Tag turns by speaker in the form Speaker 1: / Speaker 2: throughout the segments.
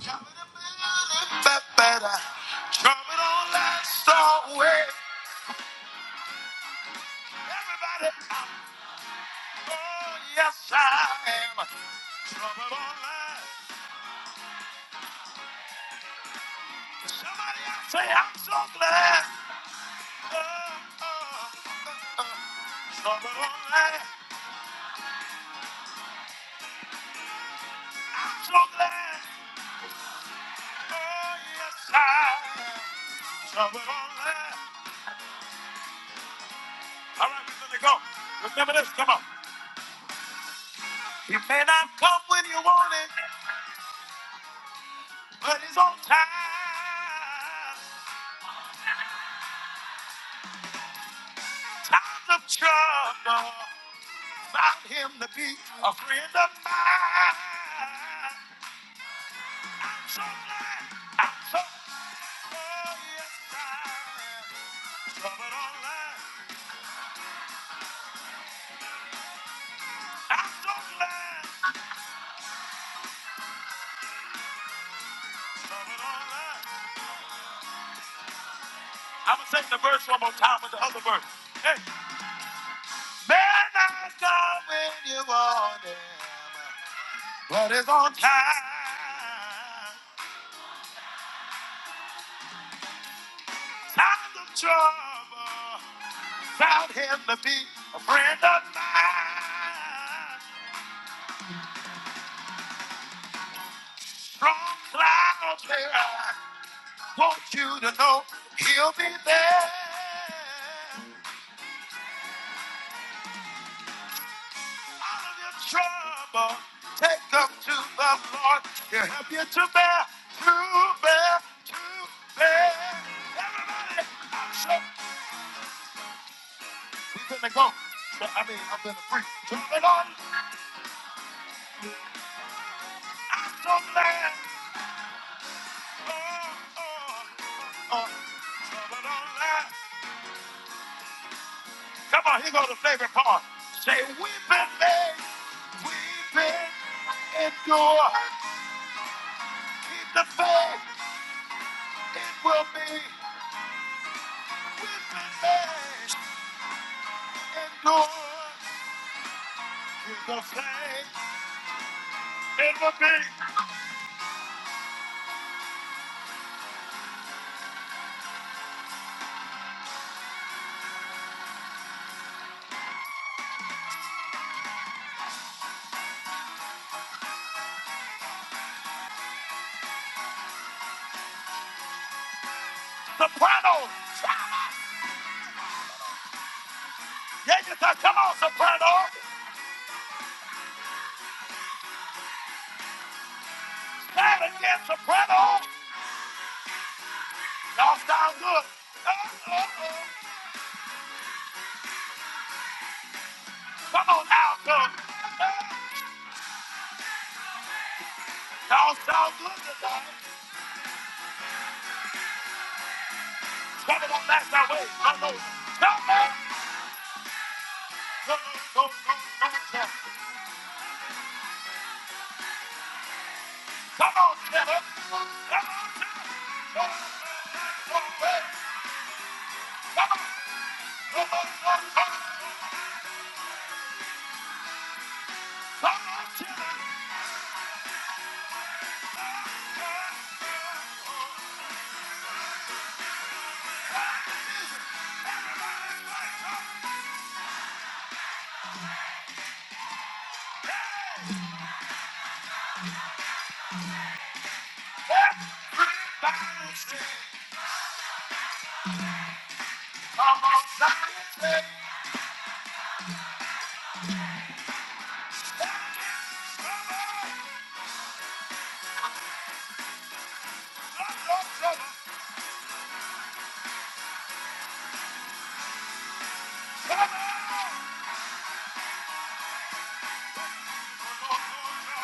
Speaker 1: That better. Trouble don't last always. Everybody, oh yes I am. Trouble don't last. Somebody say I'm so glad. Oh, oh, oh, oh. Trouble don't last. I'm so glad. Oh yes I am. Trouble don't All right, we're gonna go. Remember this. Come on. He may not come when you want it, but he's on time. Out of trouble, found him to be a friend of mine. So glad, I'm so glad, oh yes, I am. Love it online, I'm so glad, love it online. I'm gonna sing the verse one more time with the other verse. Hey, man, I come when you want him, but it's on time. Time of trouble. Found him to be a friend of mine. Strong cloud there. Want you to know he'll be there. Out of your trouble, take them to the Lord. He'll help you to bear, to bear, to bear. Everybody, I'm sure we're gonna go. So, I mean, I'm gonna preach to the Lord. I'm so glad. Oh, oh, oh. Trouble don't Come on, here goes the favorite part. Say, weeping may, weeping endure. Keep the faith, it will be. Weeping may endure. Keep the faith, it will be. Soprano. Yeah, you thought, come on, soprano. Stand again, soprano. Y'all sound good. Uh, uh, uh. Come on, alto. Uh, y'all sound good tonight. Come on, that's our way. I know. Come on. Come on, come on, come on, come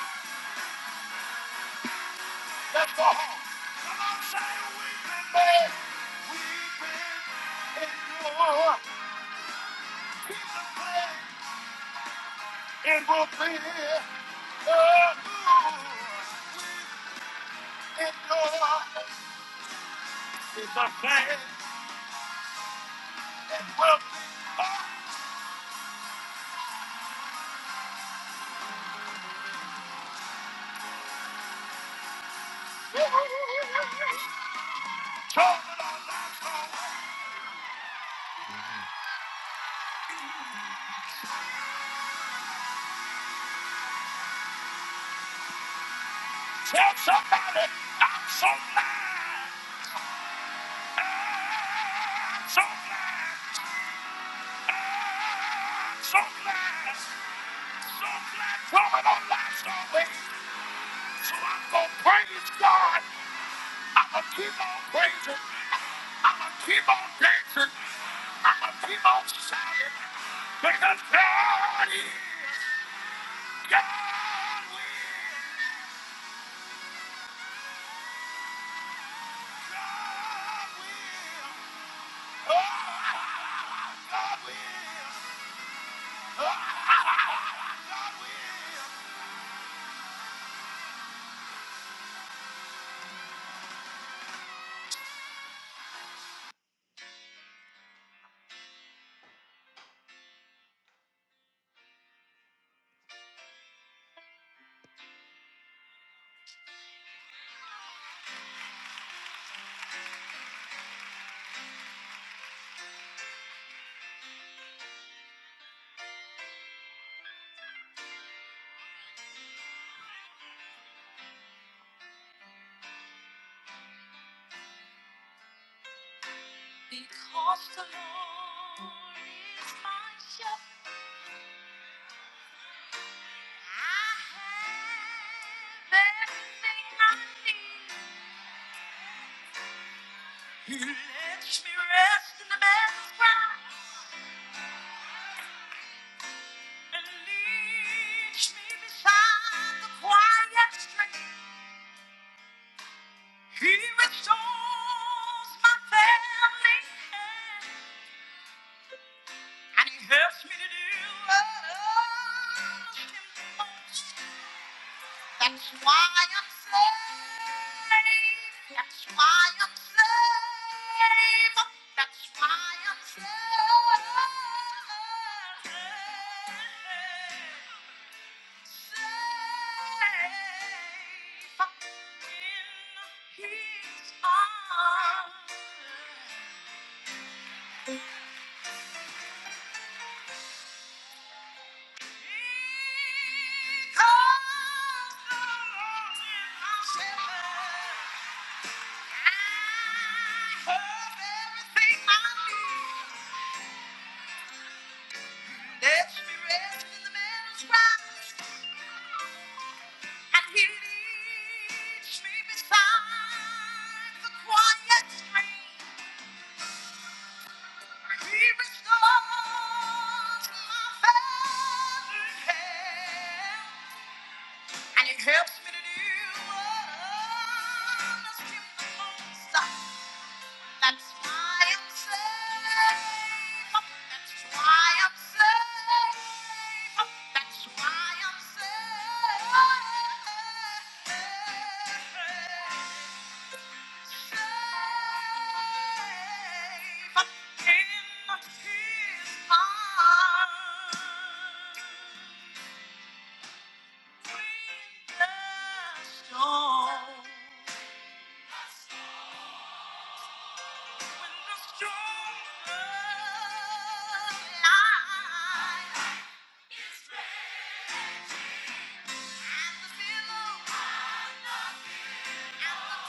Speaker 1: on. Let's go. Come on, say we've been bad. We've been in your piece of bread. And we'll be here. Oh, ooh. in your piece of bread. And we'll be Turn it on, let's go. Tell somebody I'm so glad. I'm so glad. I'm so glad. Some platform and on live service. So I'm gonna praise God. I'm gonna keep on praising. I'm gonna keep on dancing. I'm gonna keep on shouting. Because God is. God will. God will. Oh, God will. Oh, God will. Because the Lord is my shepherd. I have everything I need. He lets me rest in the bed grass and leads me beside the quiet stream. He restores my family and he helps me to do what others can do. most. That's why I'm saved. That's why I'm saved. That's why I'm saved. Safe in His arms. Because the Lord is my shepherd. I have everything I need. Let me rest in the man's right. And he leads me beside the quiet stream. He restores my failing health. And he helps me to do what I must do the most. That's why I'm safe. That's why I'm safe. That's why I'm safe. Safe in His arms. When the storm Thank you. Oh!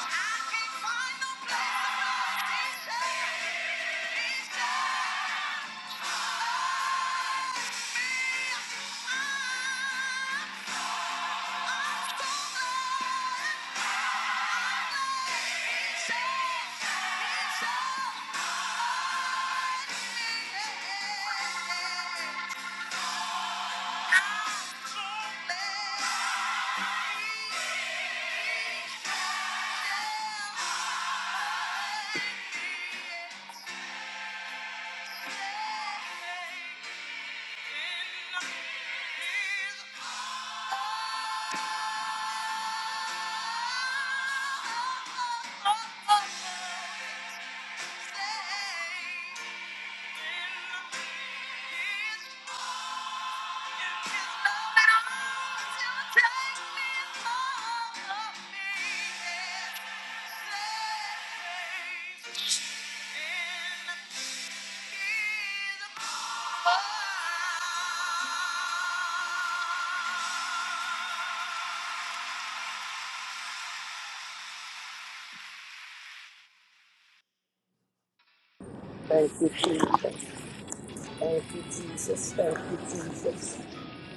Speaker 1: Yeah. Oh
Speaker 2: Thank you, Jesus. Thank you, Jesus. Thank you, Jesus.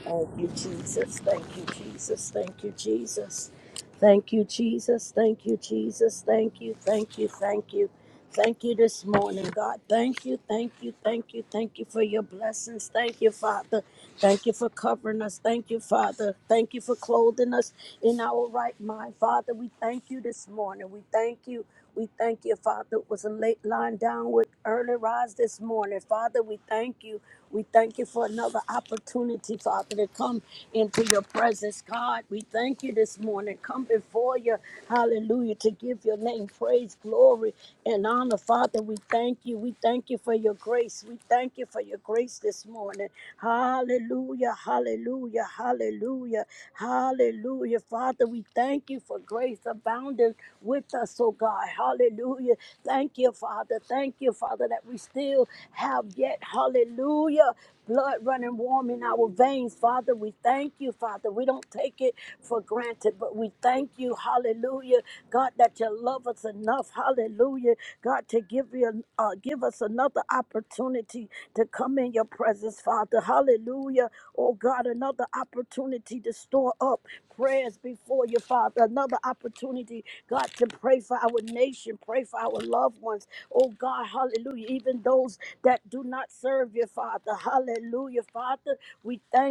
Speaker 2: Thank you, Jesus. Thank you, Jesus. Thank you, Jesus. Thank you, Jesus. Thank you, Jesus. Thank you, thank you, thank you. Thank you this morning, God. Thank you, thank you, thank you, thank you for your blessings. Thank you, Father. Thank you for covering us. Thank you, Father. Thank you for clothing us in our right mind. Father, we thank you this morning. We thank you. We thank you, Father. It was a late line down with early rise this morning. Father, we thank you. We thank you for another opportunity, Father, to come into your presence, God. We thank you this morning. Come before you, hallelujah, to give your name praise, glory, and honor, Father. We thank you. We thank you for your grace. We thank you for your grace this morning. Hallelujah, hallelujah, hallelujah. Hallelujah. Father, we thank you for grace abounding with us, oh God. Hallelujah. Thank you, Father. Thank you, Father, that we still have yet, hallelujah, blood running warm in our veins. Father, we thank you, Father. We don't take it for granted, but we thank you, hallelujah, God, that you love us enough, hallelujah, God, to give you uh, give us another opportunity to come in your presence, Father hallelujah. Oh God, another opportunity to store up prayers before you, Father. Another opportunity, God, to pray for our nation, pray for our loved ones. Oh God, hallelujah. Even those that do not serve you, Father. Hallelujah, Father. We thank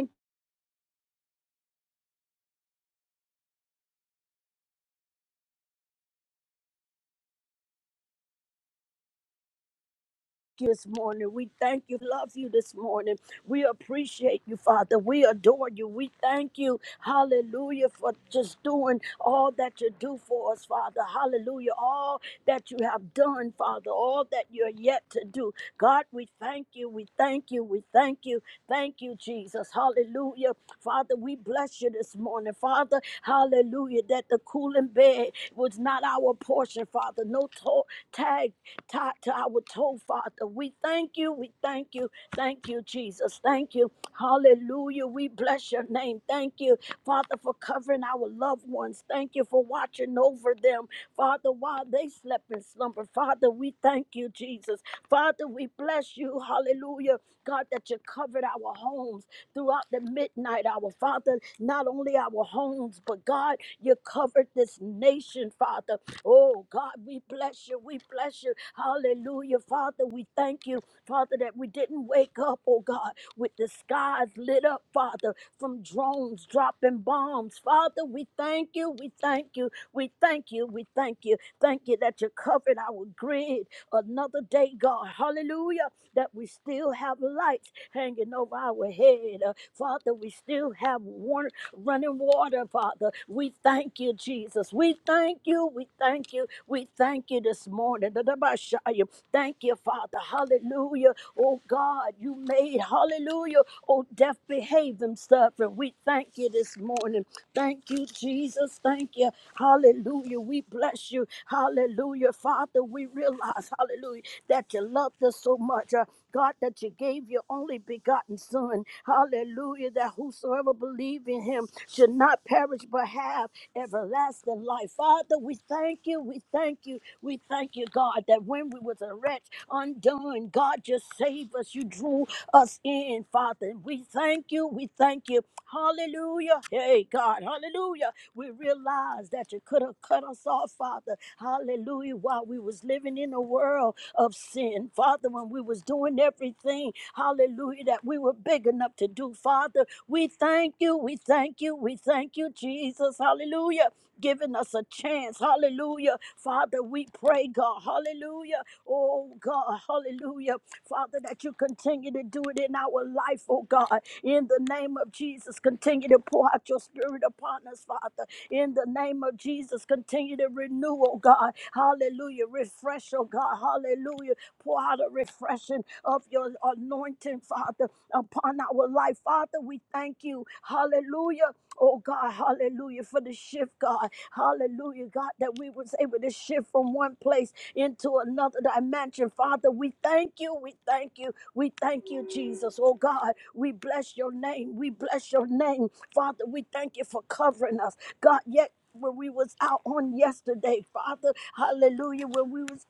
Speaker 2: this morning. We thank you, love you this morning. We appreciate you, Father. We adore you. We thank you, hallelujah, for just doing all that you do for us, Father. Hallelujah. All that you have done, Father. All that you're yet to do. God, we thank you. We thank you. We thank you. Thank you, Jesus. Hallelujah. Father, we bless you this morning, Father. Hallelujah. That the cooling bed was not our portion, Father. No to- tag tied to our toe, Father. We thank you. We thank you. Thank you, Jesus. Thank you. Hallelujah. We bless your name. Thank you, Father, for covering our loved ones. Thank you for watching over them, Father, while they slept in slumber. Father, we thank you, Jesus. Father, we bless you. Hallelujah. God, that you covered our homes throughout the midnight hour, Father. Not only our homes, but God, you covered this nation, Father. Oh God, we bless you. We bless you. Hallelujah. Father, we thank you, Father, that we didn't wake up, oh God, with the skies lit up, Father, from drones dropping bombs. Father, we thank you. We thank you. We thank you. We thank you. Thank you that you covered our grid another day, God. Hallelujah. That we still have lights hanging over our head. Uh, Father, we still have warmth running water, Father. We thank you, Jesus. We thank you. We thank you. We thank you this morning. Da-da-ba-shaya. Thank you, Father. Hallelujah. Oh God, you made hallelujah. Oh, death behave himself. And we thank you this morning. Thank you, Jesus. Thank you. Hallelujah. We bless you. Hallelujah. Father, we realize, hallelujah that you loved us so much, uh, God, that you gave your only begotten Son. Hallelujah, that whosoever believe in him should not perish but have everlasting life. Father, we thank you, we thank you, we thank you, God, that when we was a wretch undoing, God, just save us. You drew us in, Father. And we thank you. We thank you. Hallelujah. Hey, God. Hallelujah. We realize that you could have cut us off, Father. Hallelujah. While we was living in a world of sin, Father, when we was doing everything, hallelujah, that we were big enough to do, Father. We thank you. We thank you. We thank you, Jesus. Hallelujah giving us a chance. Hallelujah. Father, we pray, God. Hallelujah. Oh, God. Hallelujah. Father, that you continue to do it in our life, oh, God. In the name of Jesus, continue to pour out your spirit upon us, Father. In the name of Jesus, continue to renew, oh, God. Hallelujah. Refresh, oh, God. Hallelujah. Pour out a refreshing of your anointing, Father, upon our life. Father, we thank you. Hallelujah Oh God, hallelujah, for the shift, God. Hallelujah, God, that we was able to shift from one place into another dimension. Father, we thank you. We thank you. We thank you, Jesus. Oh God, we bless your name. We bless your name. Father, we thank you for covering us. God, yet when we was out on yesterday, Father, hallelujah, when we was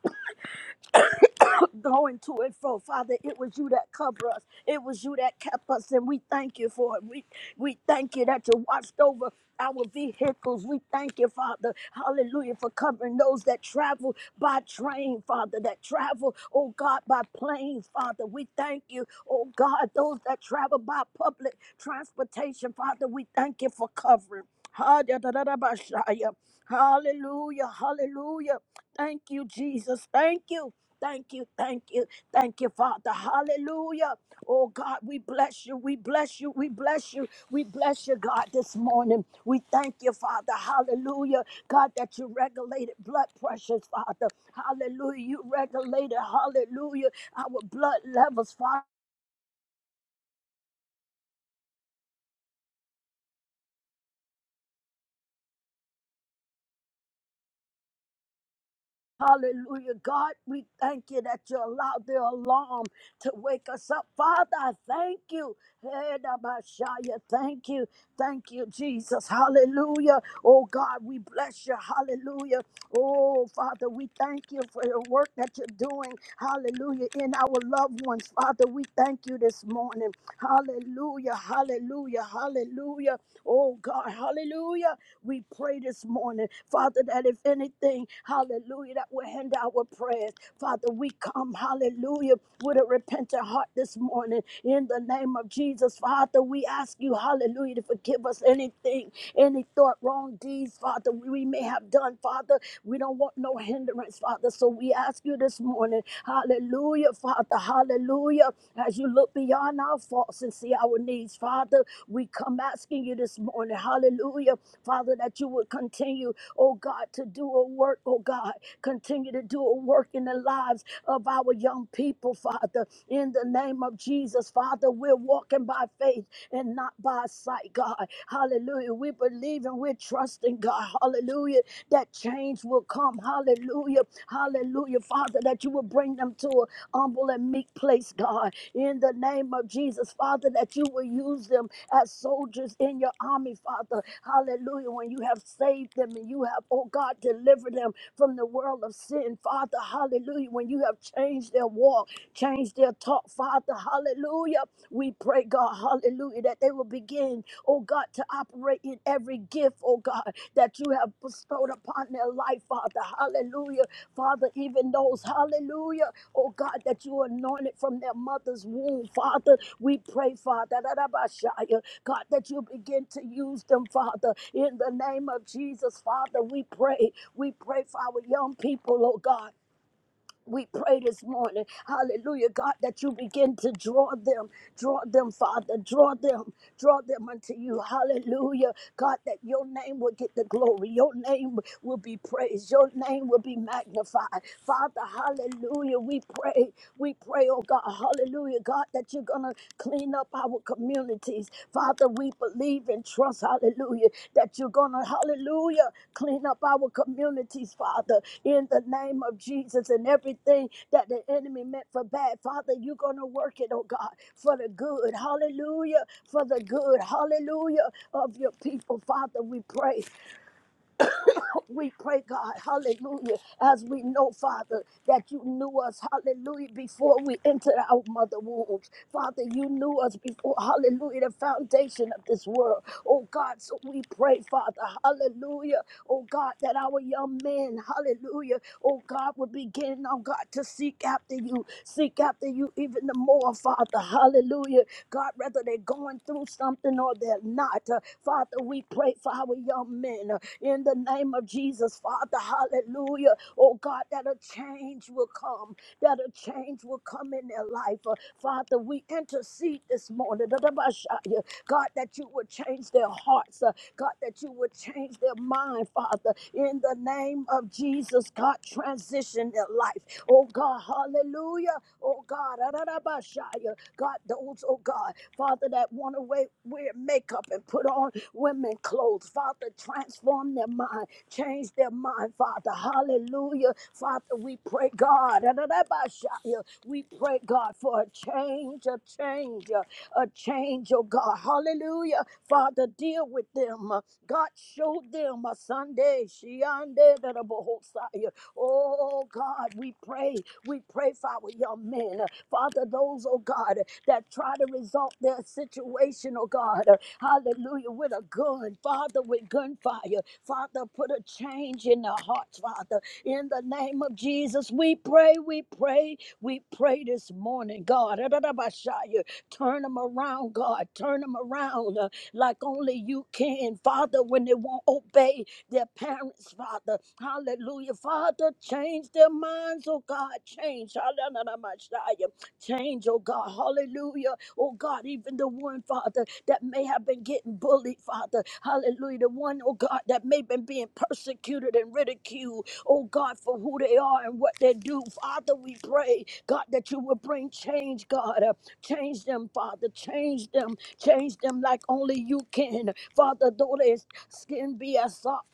Speaker 2: going to and fro. Father, it was you that covered us. It was you that kept us, and we thank you for it. We, we thank you that you watched over our vehicles. We thank you, Father. Hallelujah, for covering those that travel by train, Father, that travel, oh God, by planes, Father. We thank you, oh God, those that travel by public transportation, Father. We thank you for covering. Hallelujah, hallelujah. Thank you, Jesus. Thank you. Thank you, thank you, thank you, Father. Hallelujah. Oh God, we bless you, we bless you, we bless you, we bless you, God, this morning. We thank you, Father. Hallelujah. God, that you regulated blood pressures, Father. Hallelujah. You regulated, hallelujah, our blood levels, Father. Hallelujah. God, we thank you that you allowed the alarm to wake us up. Father, I thank you. Hey, Dabashaya, Thank you. Thank you, Jesus. Hallelujah. Oh God, we bless you. Hallelujah. Oh Father, we thank you for the work that you're doing. Hallelujah. In our loved ones, Father, we thank you this morning. Hallelujah. Hallelujah. Hallelujah. Oh God, hallelujah. We pray this morning, Father, that if anything, hallelujah, that will hinder our prayers. Father, we come, hallelujah hallelujah, with a repentant heart this morning. In the name of Jesus, Father, we ask you, hallelujah, to forgive us anything, any thought, wrong deeds, Father, we may have done, Father. We don't want no hindrance, Father. So we ask you this morning, hallelujah, Father, hallelujah, as you look beyond our faults and see our needs, Father, we come asking you this morning, hallelujah, Father, that you would continue continue, oh God, to do a work, oh God. Continue to do a work in the lives of our young people, Father. In the name of Jesus, Father, we're walking by faith and not by sight, God. Hallelujah. We believe and we're trusting, God. Hallelujah. That change will come. Hallelujah. Hallelujah, Father, that you will bring them to a humble and meek place, God. In the name of Jesus. Jesus, Father, that you will use them as soldiers in your army, Father. Hallelujah. When you have saved them and you have, oh God, delivered them from the world of sin, Father. Hallelujah. When you have changed their walk, changed their talk, Father. Hallelujah. We pray, God, hallelujah, that they will begin, oh God, to operate in every gift, oh God, that you have bestowed upon their life, Father. Hallelujah. Father, even those, hallelujah oh God, that you anointed from their mother's womb, Father. We pray, Father, that Abashaya, God, that you begin to use them, Father, in the name of Jesus, Father. We pray, we pray for our young people, oh God we pray this morning, hallelujah, God, that you begin to draw them, draw them, Father, draw them, draw them unto you, hallelujah, God, that your name will get the glory, your name will be praised, your name will be magnified, Father, hallelujah, we pray, we pray, oh God, hallelujah, God, that you're gonna clean up up our communities. Father, we believe and trust, hallelujah, that you're going to, hallelujah, clean up our communities, Father, in the name of Jesus and everything that the enemy meant for bad. Father, you're going to work it, oh God, for the good. Hallelujah. For the good. Hallelujah. Of your people, Father, we pray. We pray, God, hallelujah, as we know, Father, that you knew us, hallelujah, before we entered our mother wombs. Father, you knew us before, hallelujah, the foundation of this world. Oh God, so we pray, Father, hallelujah, oh God, that our young men, hallelujah, oh God, would begin, oh God, to seek after you you, seek after you even the more, Father. Hallelujah. God, whether they're going through something or they're not, uh, Father, we pray for our young men uh, in the name of Jesus, Father. Hallelujah. Oh God, that a change will come, that a change will come in their life. Uh, Father, we intercede this morning. God, that you would change their hearts. uh, God, that you would change their mind, Father, in the name of Jesus, God, transition their life. Oh God, hallelujah. Oh God, ararabashaya. God, those, oh God, Father, that want to wear wear makeup and put on women clothes, Father, transform their mind, change their mind, Father, hallelujah. Father, we pray, God, ararabashaya. we pray, God, for a change, a change a change, oh God. Hallelujah. Father, deal with them. Uh, God, show them a Sunday. Shiande da da bohosai. Oh God, we pray. We pray for our young men. Uh, Father, those, oh God, that try to resolve their situation, oh God. uh, Hallelujah. With a gun, Father, with gunfire. Father, put a change in their hearts, Father. In the name of Jesus, we pray, we pray, we pray this morning, God. Turn them around, God. Turn them around uh, like only you can. Father, when they won't obey their parents, Father. Hallelujah. Father, change their minds, oh God. Change. Hallelujah. Change, oh God. Hallelujah. Oh God, even the one, Father, that may have been getting bullied, Father. Hallelujah. The one, oh God, that may have been being persecuted and ridiculed oh God, for who they are and what they do. Father, we pray, God, that you will bring change, God. Uh, Change them, Father. Change them. Change them like only you can. Father, though their skin be as soft.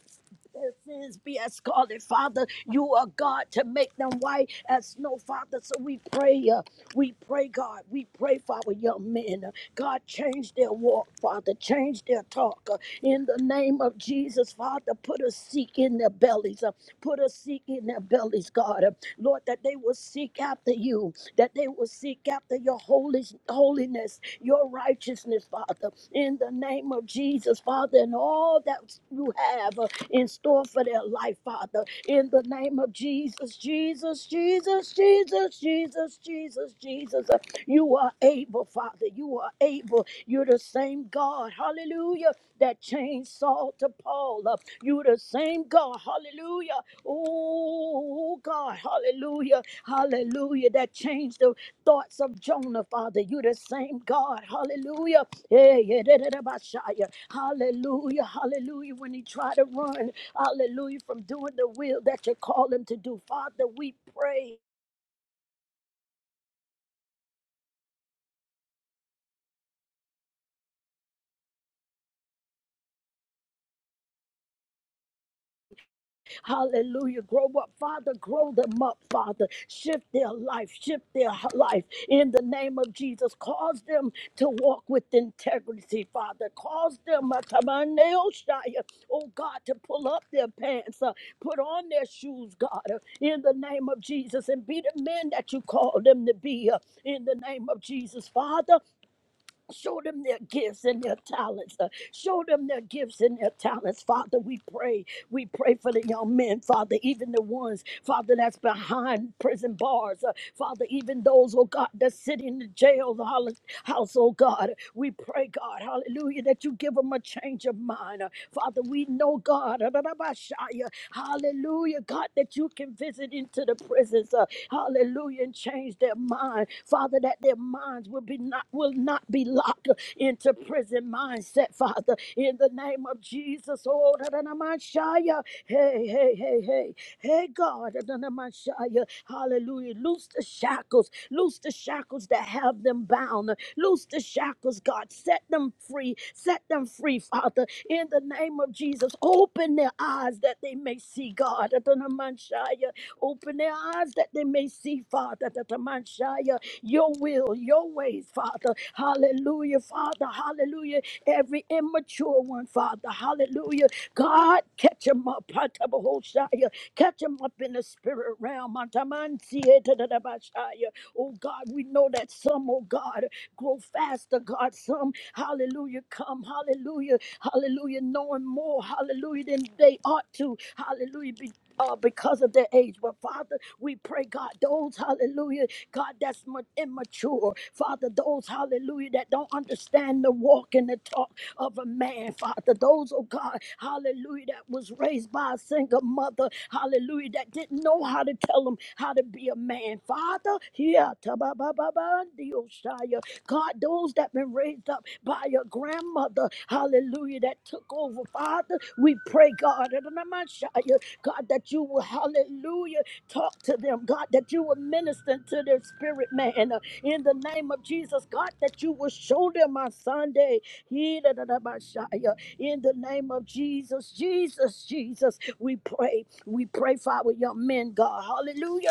Speaker 2: Their sins be as scarlet, Father. You are God to make them white as snow, Father. So we pray. uh, we pray, God. We pray for our young men. Uh, God, change their walk, Father. Change their talk. Uh, In the name of Jesus, Father, put a seek in their bellies. Uh, Put a seek in their bellies, God. Uh, Lord, that they will seek after you, that they will seek after your holy, holiness, your righteousness, Father. In the name of Jesus, Father, and all that you have uh, in store for their life, Father in the name of Jesus, Jesus, Jesus, Jesus, Jesus, Jesus, Jesus. Uh, You are able, Father. You are able. You're the same God, hallelujah, that changed Saul to Paul. Uh, You're the same God, hallelujah. Oh, God, hallelujah, hallelujah, that changed the thoughts of Jonah, Father. You're the same God, hallelujah. Yeah, yeah, da, da, da, ba, sha, yeah. Hallelujah, hallelujah. When he tried to run, hallelujah, from doing the will that you call them to do. Father, we pray, hallelujah, grow up, Father, grow them up, Father, shift their life, shift their h- life in the name of Jesus. Cause them to walk with integrity, Father. Cause them, uh, Tabaneoshaya, oh God, to pull up their pants, uh, put on their shoes, God, uh, in the name of Jesus, and be the men that you call them to be uh, in the name of Jesus, Father. Show them their gifts and their talents. uh, show them their gifts and their talents. Father, we pray. We pray for the young men, Father, even the ones, Father, that's behind prison bars. uh, Father, even those, oh God, that's sitting in the jail the hol- house, oh God. We pray, God, hallelujah, that you give them a change of mind. uh, Father, we know, God, hallelujah, God, that you can visit into the prisons. uh, hallelujah, and change their mind. Father, that their minds will be not will not not be locked into prison mindset, Father. In the name of Jesus, oh, da- da- da- my Shia. hey, hey, hey, hey, hey, God, da- da- da- my Shia. hallelujah. Loose the shackles, loose the shackles that have them bound, loose the shackles, God. Set them free, set them free, Father. In the name of Jesus, open their eyes that they may see, God, da- da- da- my Shia. Open their eyes that they may see, Father, that the Messiah, your will, your ways, Father. Hallelujah, Father. Hallelujah. Every immature one, Father. Hallelujah. God, catch them up. Hatabahoshaya. Catch them up in the spirit realm. Atamansietadadabashaya. Oh God, we know that some, oh God grow faster, God. Some, hallelujah, come, hallelujah, hallelujah, knowing more, hallelujah, than they ought to, hallelujah, be, uh, because of their age. But Father, we pray, God, those, hallelujah, God, that's ma- immature, Father, those, hallelujah, that don't understand the walk and the talk of a man, Father, those, oh God, hallelujah, that was raised by a single mother, hallelujah, that didn't know how to tell them how to be a man, Father, Here. Shaya. God, those that been raised up by your grandmother, hallelujah, that took over, Father, we pray, God, in the name God, that you will, hallelujah, talk to them, God, that you will minister to their spirit, man, Uh, in the name of Jesus, God, that you will show them on Sunday, He, da, da, in the name of Jesus, Jesus, Jesus, we pray, we pray for our young men, God, hallelujah,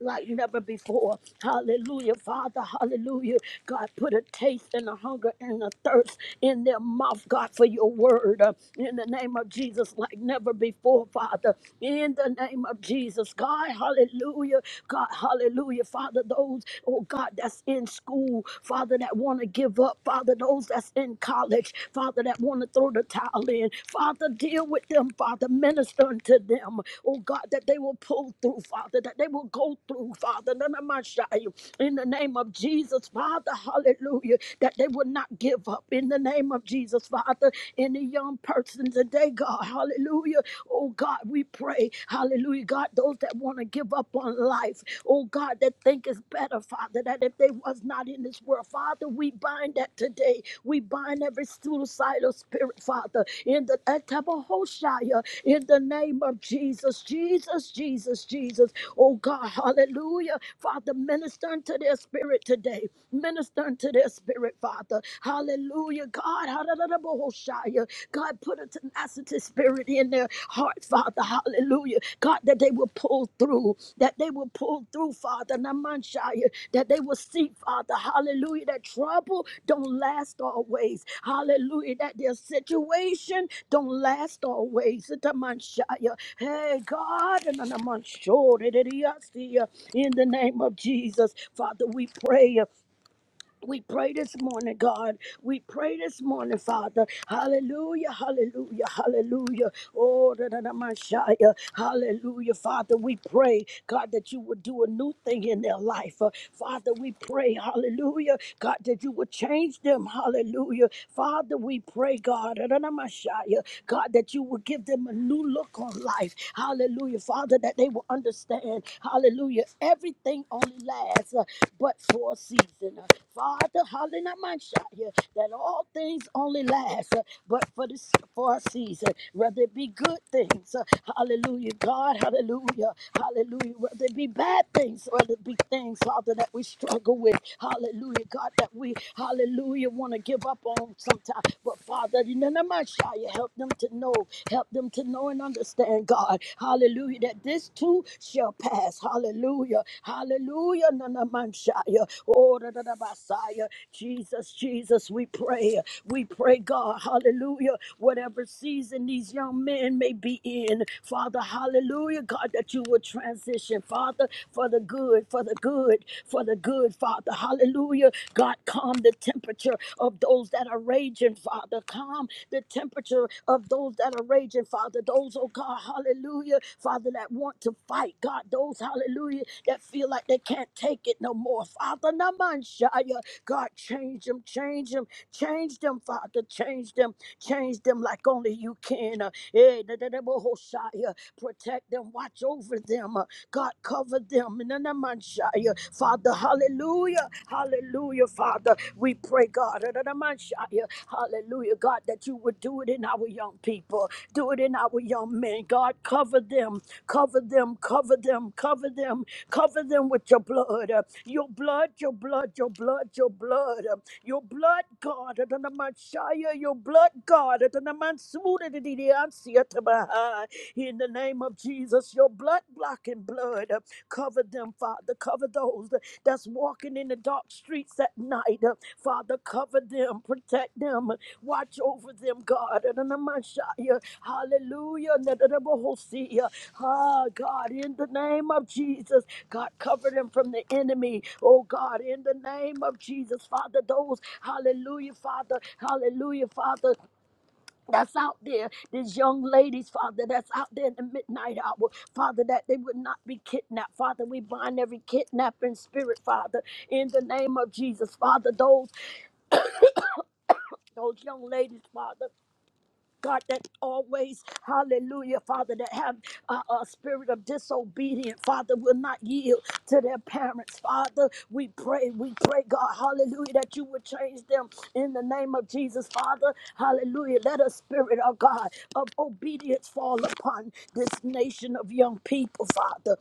Speaker 2: like never before. Hallelujah, Father. Hallelujah. God, put a taste and a hunger and a thirst in their mouth, God, for your word. uh, In the name of Jesus, like never before, Father. In the name of Jesus, God, hallelujah. God, hallelujah, Father. Those, oh God, that's in school, Father, that want to give up, Father, those that's in college, Father, that want to throw the towel versatile in. Father, deal with them, Father. Minister unto them, oh God, that they will pull through, Father, that they will go through, Father. None of my shy. In the name of Jesus, Father, hallelujah, that they will not give up. In the name of Jesus, Father, any young person today, God, hallelujah, oh God, we pray, hallelujah, God, those that want to give up on life, oh God, that think it's better, Father, that if they was not in this world, Father, we bind that today. We bind every suicidal spirit, Father, in the Etabahoshaya, in the name of Jesus, Jesus, Jesus, Jesus. Oh God, hallelujah. Father, minister unto their spirit today. Minister unto their spirit, Father. Hallelujah. God, hallelujah. God, put a tenacity spirit in their heart, Father. Hallelujah. God, that they will pull through, that they will pull through, Father. Namanshaya, that they will see, Father. Hallelujah. That trouble don't last always. Hallelujah. That their situation don't last always. Namanshaya. Hey, God. and Namanshore, that it is here. In the name of Jesus, Father, we pray. We pray this morning, God. We pray this morning, Father. Hallelujah, hallelujah, hallelujah. Oh, da, da, da, Messiah. hallelujah, Father. We pray, God, that you would do a new thing in their life. Uh, Father, we pray, hallelujah, God, that you would change them. Hallelujah. Father, we pray, God, da, da, da, Messiah. God, that you would give them a new look on life. Hallelujah, Father, that they will understand. Hallelujah. Everything only lasts uh, but for a season. Uh, God, hallelujah, my shot here, that all things only last uh, but for this for a season, whether it be good things, uh, hallelujah, God, hallelujah, hallelujah, whether it be bad things, whether it be things, Father, that we struggle with, hallelujah, God, that we, hallelujah, want to give up on sometimes, but Father, you know, my shot, you help them to know, help them to know and understand, God, hallelujah, that this too shall pass, hallelujah, hallelujah, none of Namashiach, Messiah. Jesus, Jesus, we pray. We pray, God, hallelujah, whatever season these young men may be in, Father, hallelujah, God, that you will transition, Father, for the good, for the good, for the good, Father, hallelujah. God, calm the temperature of those that are raging, Father. Calm the temperature of those that are raging, Father. Those, oh God, hallelujah, Father, that want to fight, God. Those, hallelujah, that feel like they can't take it no more, Father. Namanshaya, God, change them, change them, change them, Father, change them, change them like only you can. Uh, Eh, da- da- da- bo- ho- shia. Protect them, watch over them. uh, God, cover them. Na- na- man- shia. Father, hallelujah. Hallelujah, Father. We pray, God. da- da- da- man- shia. Hallelujah, God, that you would do it in our young people. Do it in our young men. God, cover them. Cover them. Cover them. Cover them. Cover them with your blood. uh, Your blood, your blood, your blood, your blood. uh, Your blood, God. da- da- da- man- shia. Your blood, God. In the name of Jesus, your blood blocking blood, uh, cover them, Father. Cover those that- that's walking in the dark streets at night. uh, Father, cover them, protect them, watch over them, God. And in the Messiah, Hallelujah. And in the Bohosia, Ah, God, in the name of Jesus, God, cover them from the enemy. Oh, God, in the name of Jesus, Father, those, hallelujah, Father, hallelujah, Father that's out there, these young ladies, Father, that's out there in the midnight hour, Father, that they would not be kidnapped. Father, we bind every kidnapping spirit, Father, in the name of Jesus, Father, those those young ladies, Father. God, that always, hallelujah, Father, that have a, a spirit of disobedience, Father, will not yield to their parents, Father. We pray, we pray, God, hallelujah, that you would change them in the name of Jesus, Father, hallelujah. Let a spirit of God of obedience fall upon this nation of young people, Father.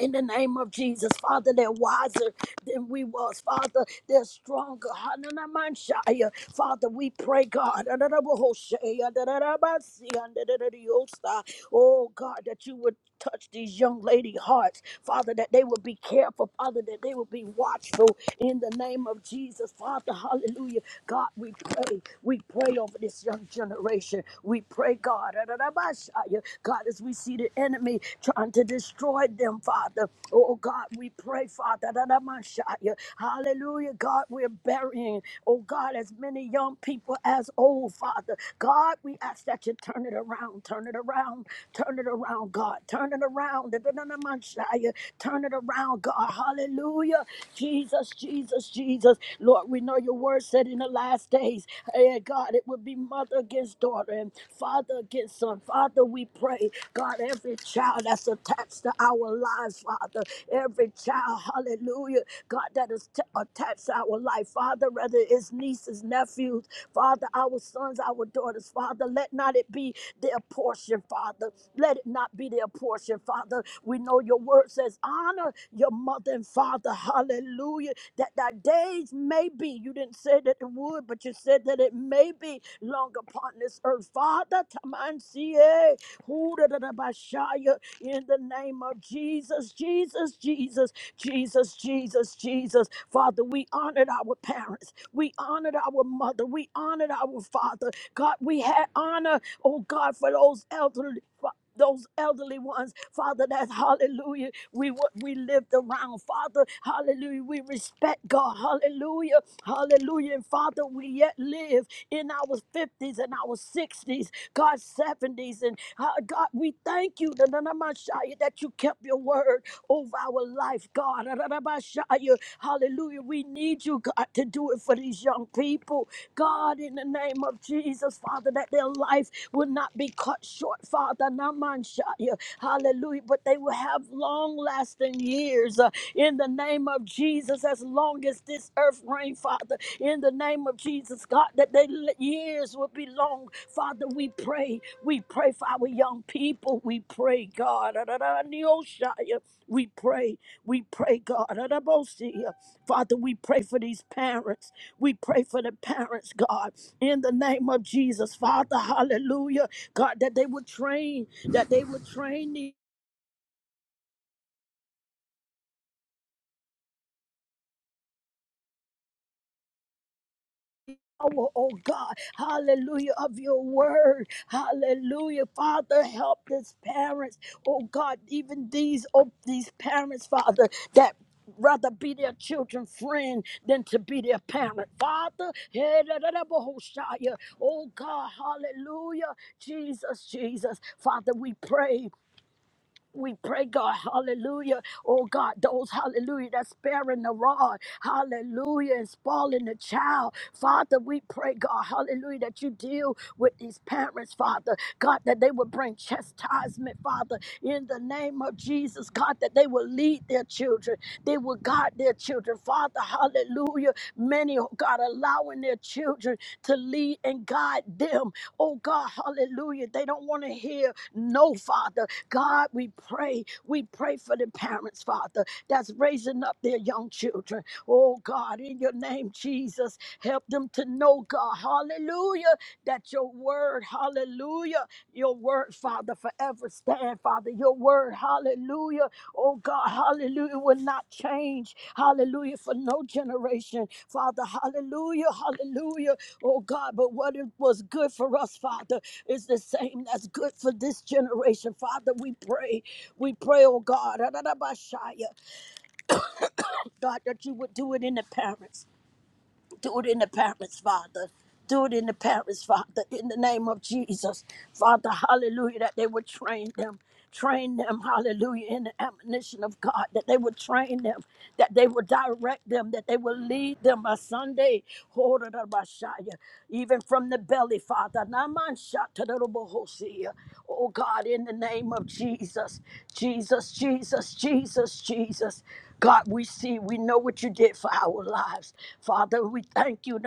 Speaker 2: In the name of Jesus, Father, they're wiser than we was. Father, they're stronger. Hananamanshaya. Father, we pray, God. Ananabohoshaya, dadadabasi, andadadadiosa. Oh, God, that you would touch these young lady hearts. Father, that they will be careful. Father, that they will be watchful. In the name of Jesus, Father, hallelujah. God, we pray. We pray over this young generation. We pray, God. Ananamashaya. God, as we see the enemy trying to to destroy them, Father. Oh God, we pray, Father. that I might shout you. Hallelujah, God, we're burying, oh God, as many young people as old, Father. God, we ask that you turn it around, turn it around, turn it around, God, turn it around. that I might shout you. Turn it around, God. Hallelujah. Jesus, Jesus, Jesus. Lord, we know your word said in the last days, eh, God, it would be mother against daughter and father against son. Father, we pray, God every child that's attached to our lives, Father. Every child, hallelujah, God, that is t- attached to our life, Father, whether it's nieces, nephews, Father, our sons, our daughters, Father, let not it be their portion, Father. Let it not be their portion, Father. We know your word says, honor your mother and father, hallelujah, that thy days may be. You didn't say that it would, but you said that it may be long upon this earth. Father, Tamansie, hoo da da In the name of Jesus, Jesus, Jesus, Jesus, Jesus, Jesus. Father, we honored our parents. We honored our mother. We honored our father. God, we had honor, oh God, for those elderly. Those elderly ones, Father, that hallelujah, we what we lived around, Father, hallelujah, we respect God, hallelujah, hallelujah, and Father, we yet live in our 50s and our 60s, God, 70s, and uh, God, we thank you na- na- na- Messiah, that you kept your word over our life, God, Na- na- na- Messiah, hallelujah, we need you, God, to do it for these young people, God, in the name of Jesus, Father, that their life will not be cut short, Father. Namanshaya. Hallelujah. But they will have long lasting years uh, in the name of Jesus, as long as this earth reigns, Father. In the name of Jesus, God, that their years will be long. Father, we pray. We pray for our young people. We pray, God. Adonai-oshaya. We pray. We pray, God. Adabosia. Father, we pray for these parents. We pray for the parents, God, in the name of Jesus, Father, hallelujah. God, that they would train, that they would train the power, oh God, hallelujah, of your word, hallelujah. Father, help these parents, oh God, even these, oh, these parents, Father, that rather be their children friend than to be their parent father hey, da, da, da, bo- ho- shia. oh god hallelujah jesus jesus father we pray We pray, God, hallelujah. Oh, God, those, hallelujah, that's sparing the rod, hallelujah, and spoiling the child. Father, we pray, God, hallelujah, that you deal with these parents, Father. God, that they would bring chastisement, Father, in the name of Jesus, God, that they will lead their children. They will guide their children, Father, hallelujah. Many, oh God, allowing their children to lead and guide them Oh God, hallelujah. They don't want to hear no, Father. God, we pray. We pray for the parents, Father, that's raising up their young children. Oh God, in your name, Jesus, help them to know, God, hallelujah, that your word, hallelujah, your word, Father, forever stand, Father, your word, hallelujah, oh God, hallelujah, will not change, hallelujah, for no generation, Father, hallelujah, hallelujah, oh God, but what it was good for us, Father, is the same that's good for this generation, Father, we pray, we pray, oh God, God, that you would do it in the parents. Do it in the parents, Father. Do it in the parents, Father, in the name of Jesus. Father, hallelujah, that they would train them. Train them, hallelujah, in the admonition of God, that they would train them, that they would direct them, that they would lead them by Sunday. Even from the belly, Father. Namanshatadorobohosia. Oh God, in the name of Jesus, Jesus, Jesus, Jesus, Jesus. God, we see, we know what you did for our lives. Father, we thank you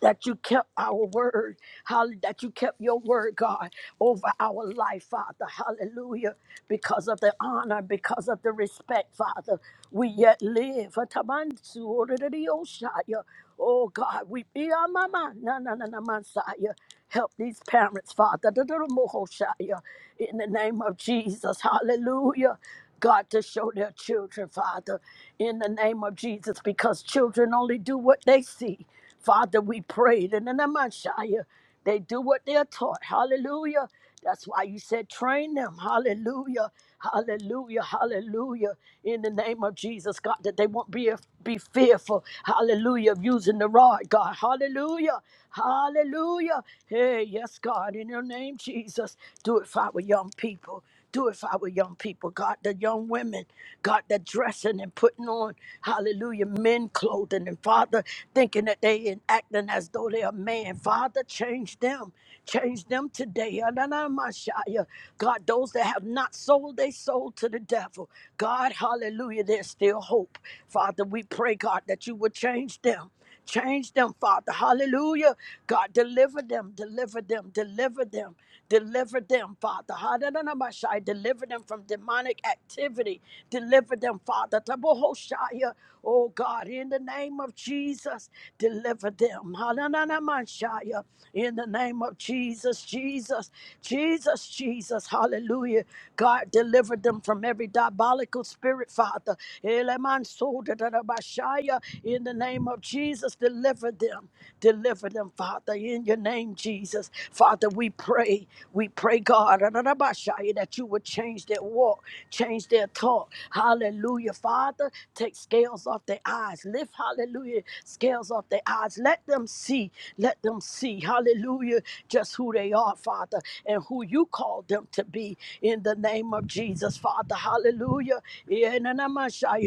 Speaker 2: that you kept our word, hall- that you kept your word, God, over our life, Father. Hallelujah. Because of the honor, because of the respect, Father, we yet live. Atamansu orererioshaya. Oh God, we be our mama. Na na na na mansaya. Help these parents, Father. Dadadamohoshaya. In the name of Jesus. Hallelujah. God, to show their children, Father, in the name of Jesus, because children only do what they see. Father, we pray that in the Messiah, they do what they are taught. Hallelujah. That's why you said train them. Hallelujah. Hallelujah. Hallelujah. In the name of Jesus, God, that they won't be, be fearful. Hallelujah. Of using the rod, God. Hallelujah. Hallelujah. Hey, yes, God. In your name, Jesus, do it for our young people. Do it for our young people, God, the young women, God, that dressing and putting on, hallelujah, men clothing, and Father, thinking that they and acting as though they are man. Father, change them. Change them today. Ananamashaya. God, those that have not sold their soul to the devil, God, hallelujah, there's still hope. Father, we pray, God, that you would change them. Change them, Father. Hallelujah. God, deliver them, deliver them, deliver them, deliver them, Father. Hallelujah. Deliver them from demonic activity. Deliver them, Father. Tabohoshaya. Oh God, in the name of Jesus, deliver them. Hallelujah. In the name of Jesus, Jesus, Jesus, Jesus. Hallelujah. God, deliver them from every diabolical spirit, Father. Elemansoda Hallelujah. In the name of Jesus, deliver them. Deliver them, Father. In your name, Jesus. Father, we pray. We pray, God, that you would change their walk, change their talk. Hallelujah, Father. Take scales off their eyes. Lift, hallelujah, scales off their eyes. Let them see. Let them see, hallelujah, just who they are, Father, and who you called them to be in the name of Jesus, Father. Hallelujah. Yeah,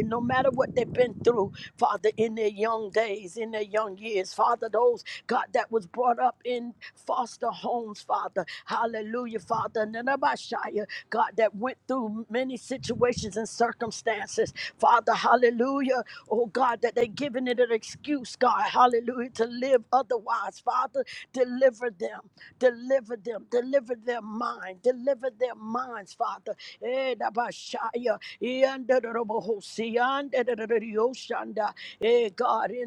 Speaker 2: No matter what what they've been through, Father, in their young days, in their young years. Father, those, God, that was brought up in foster homes, Father. Hallelujah, Father. Nanabashaya, God, that went through many situations and circumstances. Father, hallelujah. Oh, God, that they are giving it an excuse, God, hallelujah, to live otherwise. Father, deliver them, deliver them, deliver their mind, deliver their minds, Father. Eh, Nabashaya, Hey, God, in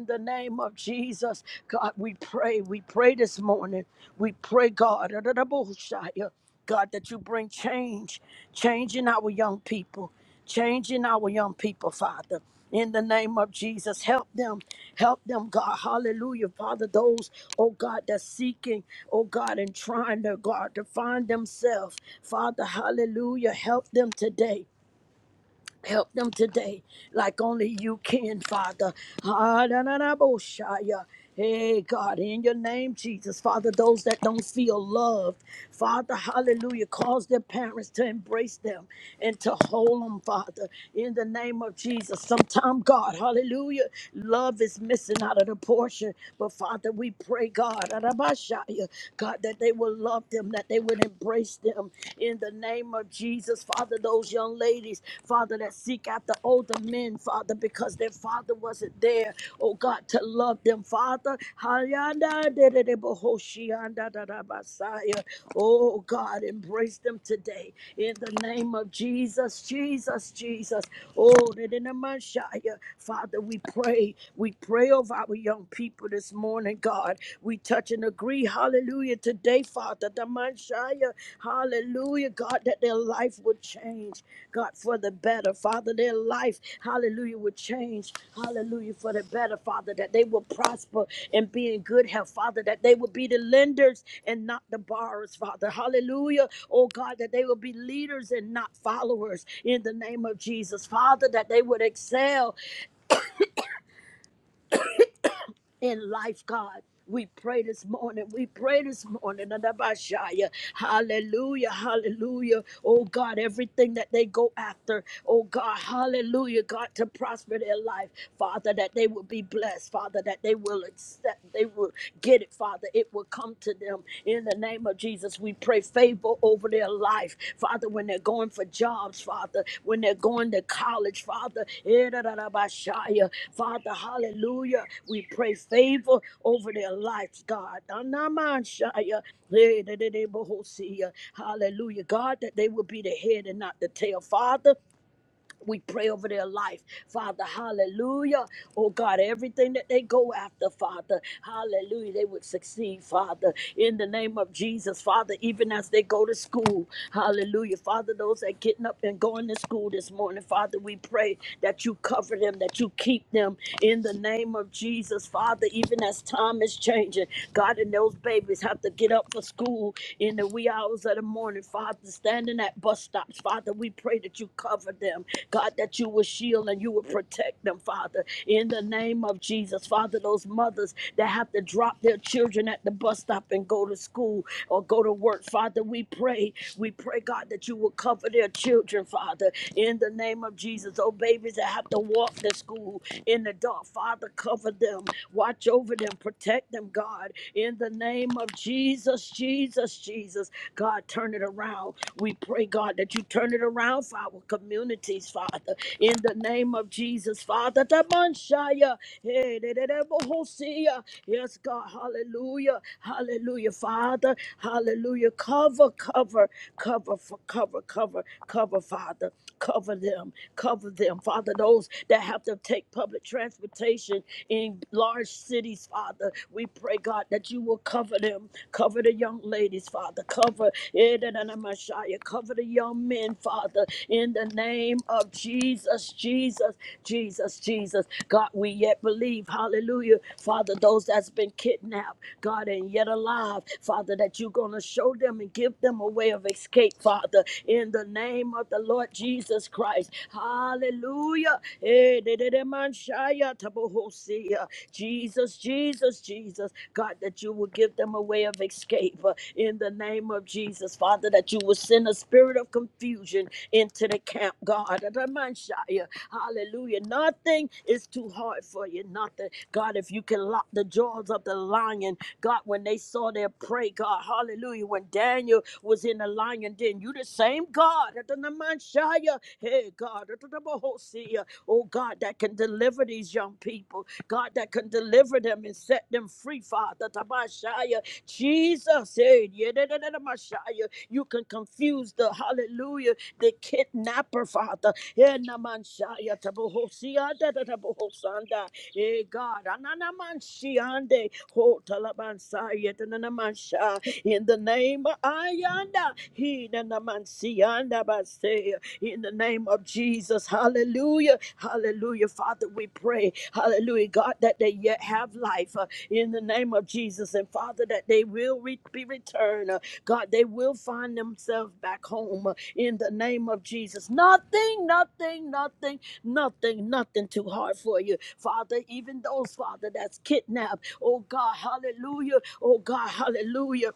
Speaker 2: the name of Jesus, God, we pray. We pray this morning. We pray, God, God, that you bring change, change in our young people, change in our young people, Father. In the name of Jesus, help them, help them, God. Hallelujah, Father. Those, oh God, that's seeking, oh God, and trying to, God, to find themselves. Father, hallelujah, help them today. Help them today like only you can, Father. Ah, da, da, da, bo, shia. Hey, God, in your name, Jesus, Father, those that don't feel loved, Father, hallelujah, cause their parents to embrace them and to hold them, Father, in the name of Jesus. Sometime, God, hallelujah, love is missing out of the your portion. But Father, we pray, God, Arabashaya, God, that they will love them, that they would embrace them in the name of Jesus. Father, those young ladies, Father, that seek after older men, Father, because their father wasn't there, oh God, to love them, Father. Hayanda de, de de bohoshianda dadabasaya. Oh God, embrace them today in the name of Jesus, Jesus, Jesus. Oh, that in the Messiah, Father, we pray. We pray over our young people this morning, God. We touch and agree, hallelujah, today, Father, the Messiah, hallelujah, God, that their life would change change, God, for the better. Father, their life, hallelujah, will change, hallelujah, for the better, Father, that they will prosper and be in good health, Father, that they will be the lenders and not the borrowers, Father, hallelujah, oh God, that they will be leaders and not followers in the name of Jesus, Father, that they would excel in life, God. We pray this morning. We pray this morning. Adabashaya. Hallelujah. Hallelujah. Oh God, everything that they go after. Oh God, hallelujah. God, to prosper their life. Father, that they will be blessed. Father, that they will accept. They will get it, Father. It will come to them in the name of Jesus. Jesus, we pray favor over their life. Father, when they're going for jobs, Father, when they're going to college, Father, eh, da, da, da, ba, shia. Father, hallelujah. We pray favor over their lives, God. Da, na, ma, shia. Eh, da, da, da, ba, ho, sia. Hallelujah. God, that they will be the head and not the tail. Father, we pray over their life, Father. Hallelujah. Oh God, everything that they go after, Father. Hallelujah. They would succeed, Father. In the name of Jesus, Father, even as they go to school. Hallelujah. Father, those that getting up and going to school this morning, Father, we pray that you cover them, that you keep them in the name of Jesus, Father, even as time is changing. God, and those babies have to get up for school in the wee hours of the morning, Father, standing standing at bus stops, Father, we pray that you cover them. God, that you will shield and you will protect them, Father. In the name of Jesus, Father, those mothers that have to drop their children at the bus stop and go to school or go to work, Father, we pray. We pray, God, that you will cover their children, Father. In the name of Jesus, oh babies that have to walk to school in the dark, Father, cover them. Watch over them, protect them, God. In the name of Jesus, Jesus. Jesus, Jesus. God, turn it around. We pray, God, that you turn it around for our communities, Father. In the name of Jesus, Father. Tamanshaya. Hey, de- de- de- bohosia. Yes, God. Hallelujah. Hallelujah, Father. Hallelujah. Cover, cover, cover, for cover, cover, cover, Father. Cover them, cover them, Father. Those that have to take public transportation in large cities, Father, we pray, God, that you will cover them, cover the young ladies, Father, cover eh, da Edenamashaya, cover the young men, Father, in the name of Jesus, Jesus, Jesus, Jesus. God, we yet believe, hallelujah, Father, those that's been kidnapped, God, and yet alive, Father, that you're going to show them and give them a way of escape, Father, in the name of the Lord Jesus Christ. Hallelujah. Eh, de- de- de- man, shaya, tabohosia. Jesus, Jesus, Jesus. God, that you will give them a way of escape uh, in the name of Jesus. Father, that you will send a spirit of confusion into the camp, God. Eh, de- man, shaya. Hallelujah. Nothing is too hard for you. Nothing. God, if you can lock the jaws of the lion, God, when they saw their prey, God, hallelujah. When Daniel was in the lion and then you the same God, hey God, oh God, that can deliver these young people, God, that can deliver them and set them free, Father, Jesus, hey, yeah, you can confuse the hallelujah, the kidnapper, Father, yeah, hey God, in the name of Ayanda, Hinanamansianda Basea. In the name of Jesus, hallelujah, hallelujah. Father, we pray, hallelujah, God, that they yet have life uh, in the name of Jesus, and Father, that they will re- be returned. uh, God, they will find themselves back home uh, in the name of Jesus. Nothing, nothing, nothing, nothing, nothing too hard for you, Father. Even those, Father, that's kidnapped, oh God, hallelujah, oh God, hallelujah.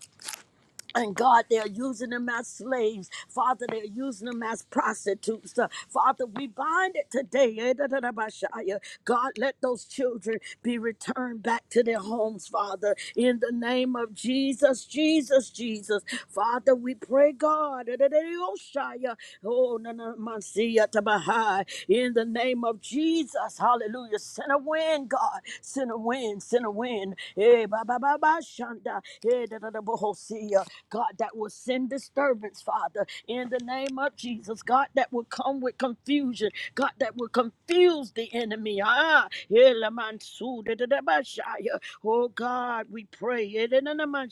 Speaker 2: And God, they're using them as slaves. Father, they're using them as prostitutes. Uh, Father, we bind it today. Eh, da, da, da, ba, shia. God, let those children be returned back to their homes, Father. In the name of Jesus, Jesus, Jesus. Father, we pray, God. eh, da, da, da, oh, shia. Oh, na, na, man, see, ya, ta, ba, hi. In the name of Jesus, hallelujah. Send a wind, God. Send a wind, send a wind. Hey, ba, ba, ba, ba, shanda. Hey, da, da, da, bo, ho, see, ya. God, that will send disturbance, Father, in the name of Jesus. God, that will come with confusion. God, that will confuse the enemy. Ah, elamansu da da da oh God, we pray. elena na man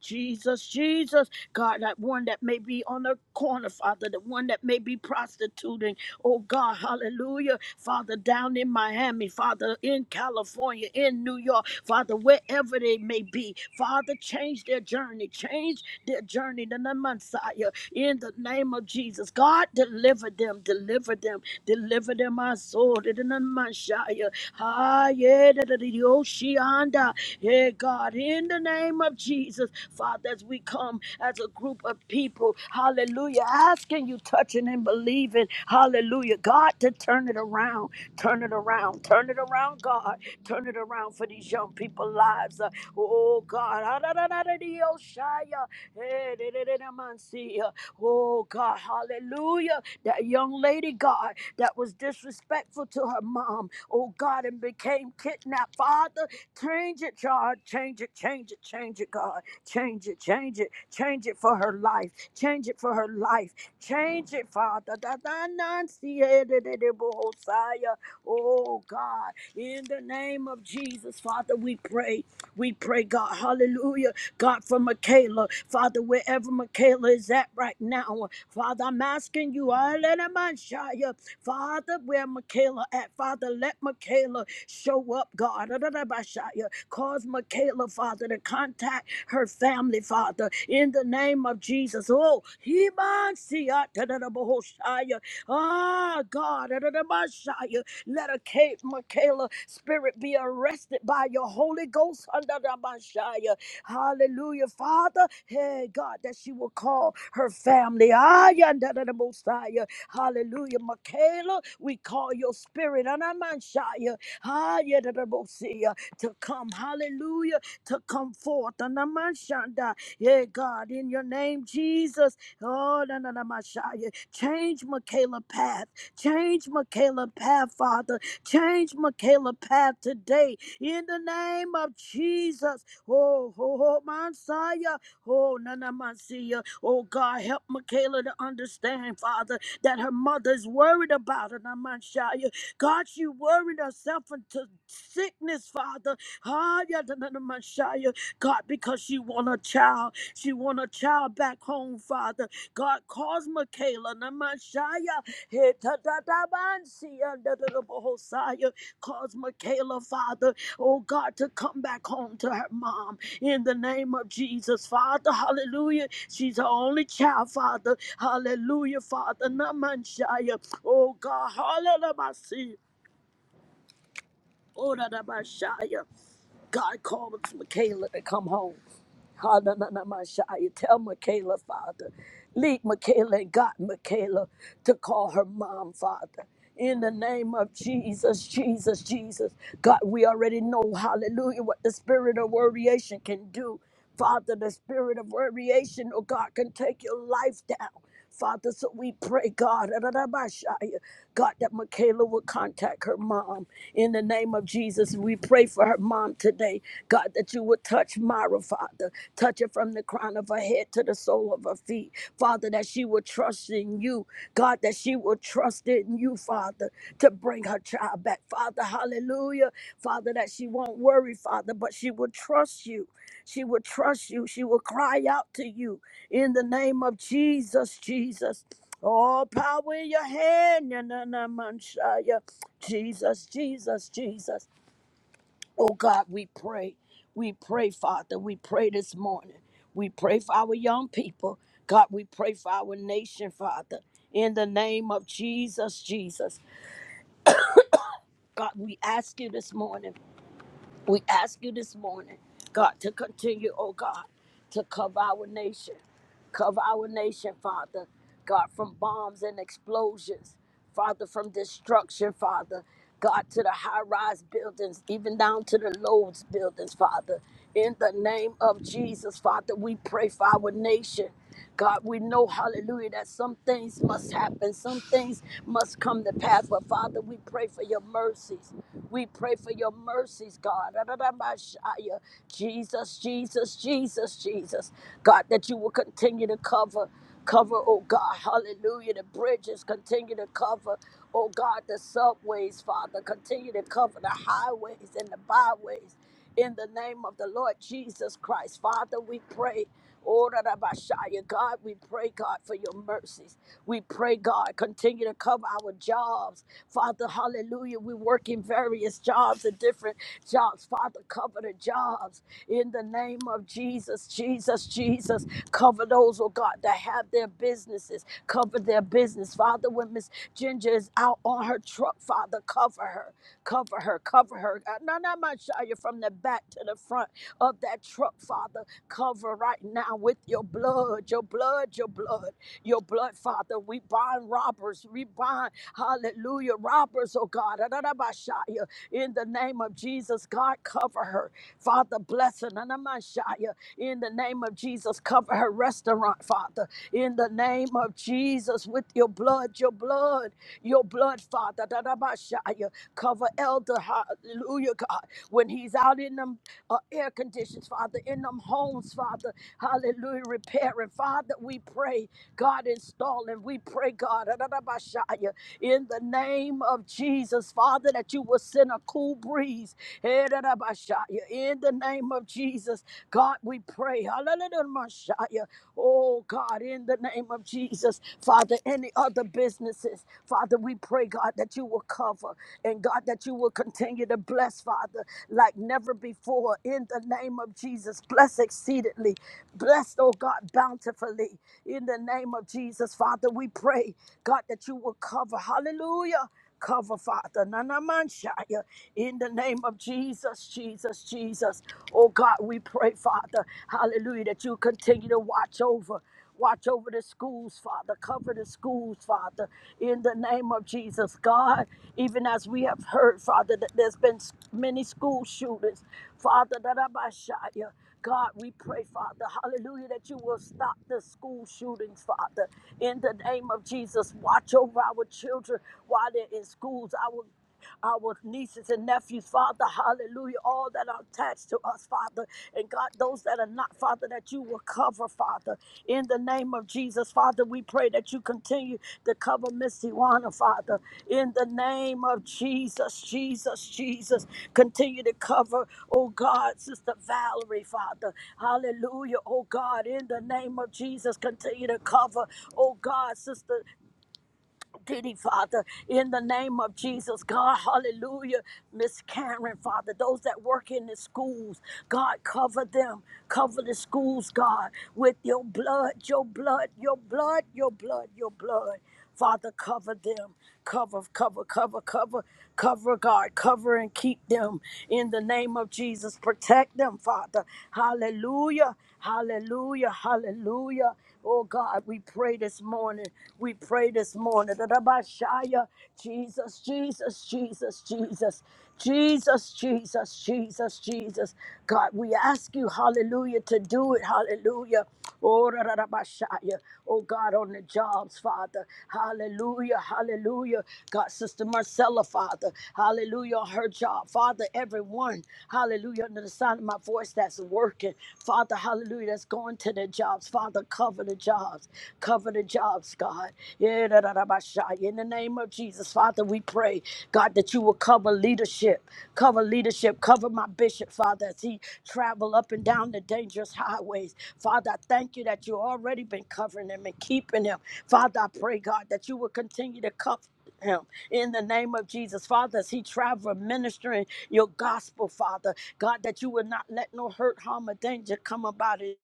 Speaker 2: Jesus, Jesus, God, that one that may be on the corner, Father, the one that may be prostituting. Oh God, hallelujah. Father, down in Miami, Father, in California, in New York, Father, wherever they may be, Father, change their journey, change their journey to the Messiah in the name of Jesus. God, deliver them, deliver them Deliver them, my soul. Mashaya. Hayedadadidiyoshianda. Hey, God, in the name of Jesus, Father, as we come as a group of people, hallelujah, asking you, touching and believing, hallelujah, God, to turn it around, turn it around, turn it around, God, turn it around for these young people's lives. Uh, oh, God, Adadadadidiyoshaya. Hey, dididididamansiyah. oh, God, hallelujah, that young lady, God that was disrespectful to her mom, oh God, and became kidnapped. Father, change it, God. Change it, change it, change it, God. Change it, change it, change it for her life. Change it for her life. Change it, Father. Da- da- nan- si- eh, de- de- de- bo- Hosea. Oh God, in the name of Jesus, Father, we pray. We pray, God. Hallelujah God, for Michaela, Father, wherever Michaela is at right now, Father, I'm asking you, Hallelujah, Father, where Michaela at, Father, let Michaela show up, God, Hallelujah. cause Michaela, Father, to contact her family, Father, in the name of Jesus. Oh, he Ah, God, Hallelujah. let a Kate Michaela spirit be arrested by your Holy Ghost. Hallelujah. Hallelujah, Father. Hey, God, that she will call her family. Ah, yonder the Messiah. Hallelujah. Michaela, we call your spirit. Anamanshaya. Ah, yonder the Messiah. To come. Hallelujah. To come forth. Anamanshanda. Yeah, God, in your name, Jesus. Oh, na, na, na, Messiah. Change Michaela path. Change Michaela path, Father. Change Michaela path today. In the name of Jesus. Oh, ho, ho, Messiah. Oh, Nana Messiah. Oh, God, help Michaela to understand, Father, that her mother's worried about her, Nana Messiah. God, she worried herself into sickness, Father. Ah, yeah, Nana Messiah. God, because she want a child. She want a child back home, Father. God, cause Michaela, Nana Messiah. Hey, ta, ta, ta, man, see, uh, da, da, da, Bohosiah. Cause Michaela, Father, oh God, to come back home to her mom in the name of Jesus, Father. Hallelujah. She's her only child, Father. Hallelujah, Father. Namanshaya. Oh God, hallelujah. Oh, Ora da ba shaya. God called Michaela to come home. Hananamashaya. Tell Michaela, Father. Lead Michaela and got Michaela to call her mom, Father. In the name of Jesus, Jesus, Jesus. God, we already know, hallelujah, what the spirit of variation can do. Father, the spirit of variation, oh God, can take your life down. Father, so we pray, God, God, that Michaela will contact her mom. In the name of Jesus, we pray for her mom today. God, that you would touch Myra, Father. Touch her from the crown of her head to the sole of her feet. Father, that she will trust in you. God, that she will trust in you, Father, to bring her child back. Father, hallelujah. Father, that she won't worry, Father, but she will trust you. She will trust you. She will cry out to you in the name of Jesus, Jesus. All power in your hand. na, na, na, man, shia. Jesus, Jesus, Jesus. Oh God, we pray. We pray, Father. We pray this morning. We pray for our young people. God, we pray for our nation, Father. In the name of Jesus, Jesus. God, we ask you this morning. We ask you this morning, God, to continue, oh God, to cover our nation. Cover our nation, Father. God, from bombs and explosions. Father, from destruction, Father. God, to the high rise buildings, even down to the loads buildings, Father. In the name of Jesus, Father, we pray for our nation. God, we know, hallelujah, that some things must happen, some things must come to pass. But Father, we pray for your mercies. We pray for your mercies, God. Ra-ra-ra-ba-shia. Jesus, Jesus, Jesus, Jesus. God, that you will continue to cover, cover, oh God, hallelujah, the bridges, continue to cover, oh God, the subways, Father, continue to cover the highways and the byways. In the name of the Lord Jesus Christ, Father, we pray. Oh, Rabashaya, God, we pray, God, for your mercies. We pray, God, continue to cover our jobs. Father, hallelujah. We work in various jobs and different jobs. Father, cover the jobs in the name of Jesus, Jesus, Jesus. Cover those, oh God, that have their businesses. Cover their business. Father, when Miss Ginger is out on her truck, Father, cover her, cover her, cover her. Uh, No, not my Shia, from the back to the front of that truck, Father. Cover right now with your blood, your blood, your blood, your blood, Father. We bind robbers. We bind, hallelujah, robbers, oh God. Adonabashaya. In the name of Jesus, God, cover her. Father, bless her. Nanamashaya. In the name of Jesus, cover her restaurant, Father. In the name of Jesus, with your blood, your blood, your blood, Father. Dadabashaya. Cover Elder, hallelujah, God. When he's out in them uh, air conditions, Father, in them homes, Father. Hallelujah, repairing. Father, we pray, God, installing. We pray, God, dadabashaya. in the name of Jesus, Father, that you will send a cool breeze trees. In the name of Jesus, God, we pray. Hallelujah. Oh, God, in the name of Jesus, Father, any other businesses, Father, we pray, God, that you will cover and God, that you will continue to bless, Father, like never before. In the name of Jesus, bless exceedingly, bless, oh God, bountifully. In the name of Jesus, Father, we pray, God, that you will cover. Hallelujah. Cover, Father, Nanamanshaya, in the name of Jesus, Jesus, Jesus. Oh God, we pray, Father, hallelujah, that you continue to watch over. Watch over the schools, Father. Cover the schools, Father, in the name of Jesus. God, even as we have heard, Father, that there's been s- many school shootings, Father, that I might shout you. God, we pray, Father, hallelujah, that you will stop the school shootings, Father. In the name of Jesus, watch over our children while they're in schools. Our our nieces and nephews, Father, hallelujah, all that are attached to us, Father, and God, those that are not, Father, that you will cover, Father, in the name of Jesus, Father, we pray that you continue to cover Miss Iwana, Father. In the name of Jesus, Jesus, Jesus, continue to cover, oh God, Sister Valerie, Father. Hallelujah, oh God, in the name of Jesus, continue to cover, oh God, Sister. Diddy, Father, in the name of Jesus, God, hallelujah. Miss Karen, Father, those that work in the schools, God, cover them. Cover the schools, God, with your blood, your blood, your blood, your blood, your blood. Father, cover them. Cover, cover, cover, cover, cover, God. Cover and keep them in the name of Jesus. Protect them, Father. Hallelujah. Hallelujah. Hallelujah. Oh God, we pray this morning. We pray this morning. that Jesus, Jesus, Jesus, Jesus, Jesus, Jesus, Jesus, Jesus. God, we ask you, hallelujah, to do it. Hallelujah. Oh, da, Oh, God, on the jobs, Father. Hallelujah, hallelujah. God, Sister Marcella, Father. Hallelujah, on her job. Father, everyone, hallelujah, under the sound of my voice that's working. Father, hallelujah, that's going to the job jobs. Father, cover the jobs. Cover the jobs, God. Yeah, da, da, da, ba, sha. In the name of Jesus, Father, we pray, God, that you will cover leadership. Cover leadership. Cover my bishop, Father, as he travel up and down the dangerous highways. Father, I thank you that you already been covering him and keeping him. Father, I pray, God, that you will continue to cover him in the name of Jesus. Father, as he travel ministering your gospel, Father, God, that you will not let no hurt, harm, or danger come about it.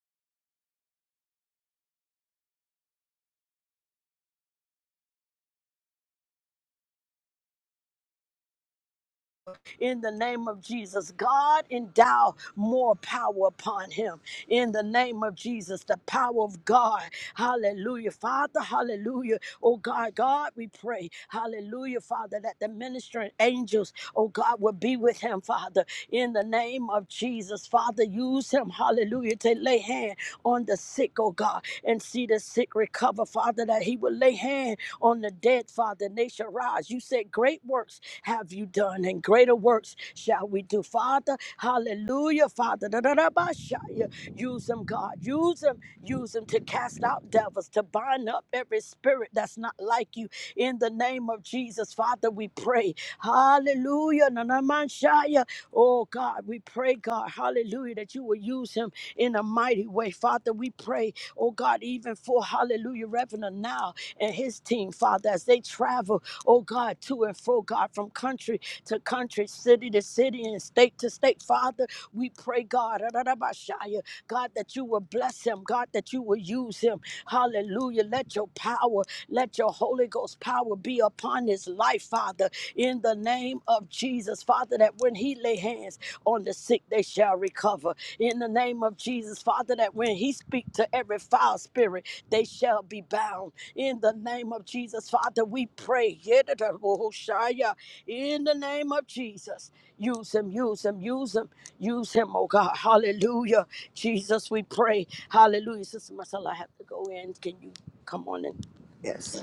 Speaker 2: in the name of Jesus. God, endow more power upon him in the name of Jesus. The power of God. Hallelujah. Father, hallelujah. Oh God, God, we pray. Hallelujah, Father, that the ministering angels, oh God, will be with him, Father, in the name of Jesus. Father, use him, hallelujah, to lay hand on the sick, oh God, and see the sick recover, Father, that he will lay hands hand on the dead, Father, and they shall rise. You said, Great works have you done, and greater works shall we do. Father, hallelujah, Father. da, da, da, ba, sha, ya. Use them, God. Use them. Use them to cast out devils, to bind up every spirit that's not like you. In the name of Jesus, Father, we pray. Hallelujah. na, na, man, sha, ya. Oh, God, we pray, God, hallelujah, that you will use him in a mighty way. Father, we pray, oh God, even for hallelujah, Reverend now and his team, Father, as they travel, oh God, to and fro, God, from country to country, city to city, and state to state, Father, we pray, God, Ararabashaya, God, that you will bless him, God, that you will use him. Hallelujah. Let your power, let your Holy Ghost power be upon his life, Father, in the name of of Jesus, Father, that when he lay hands on the sick, they shall recover. In the name of Jesus, Father, that when he speak to every foul spirit, they shall be bound. In the name of Jesus, Father, we pray. Yedidabohoshaya. In the name of Jesus, use him, use him, use him, use him, oh God. Hallelujah. Jesus, we pray. Hallelujah. Sister Marcella, I have to go in. Can you come on in?
Speaker 3: Yes.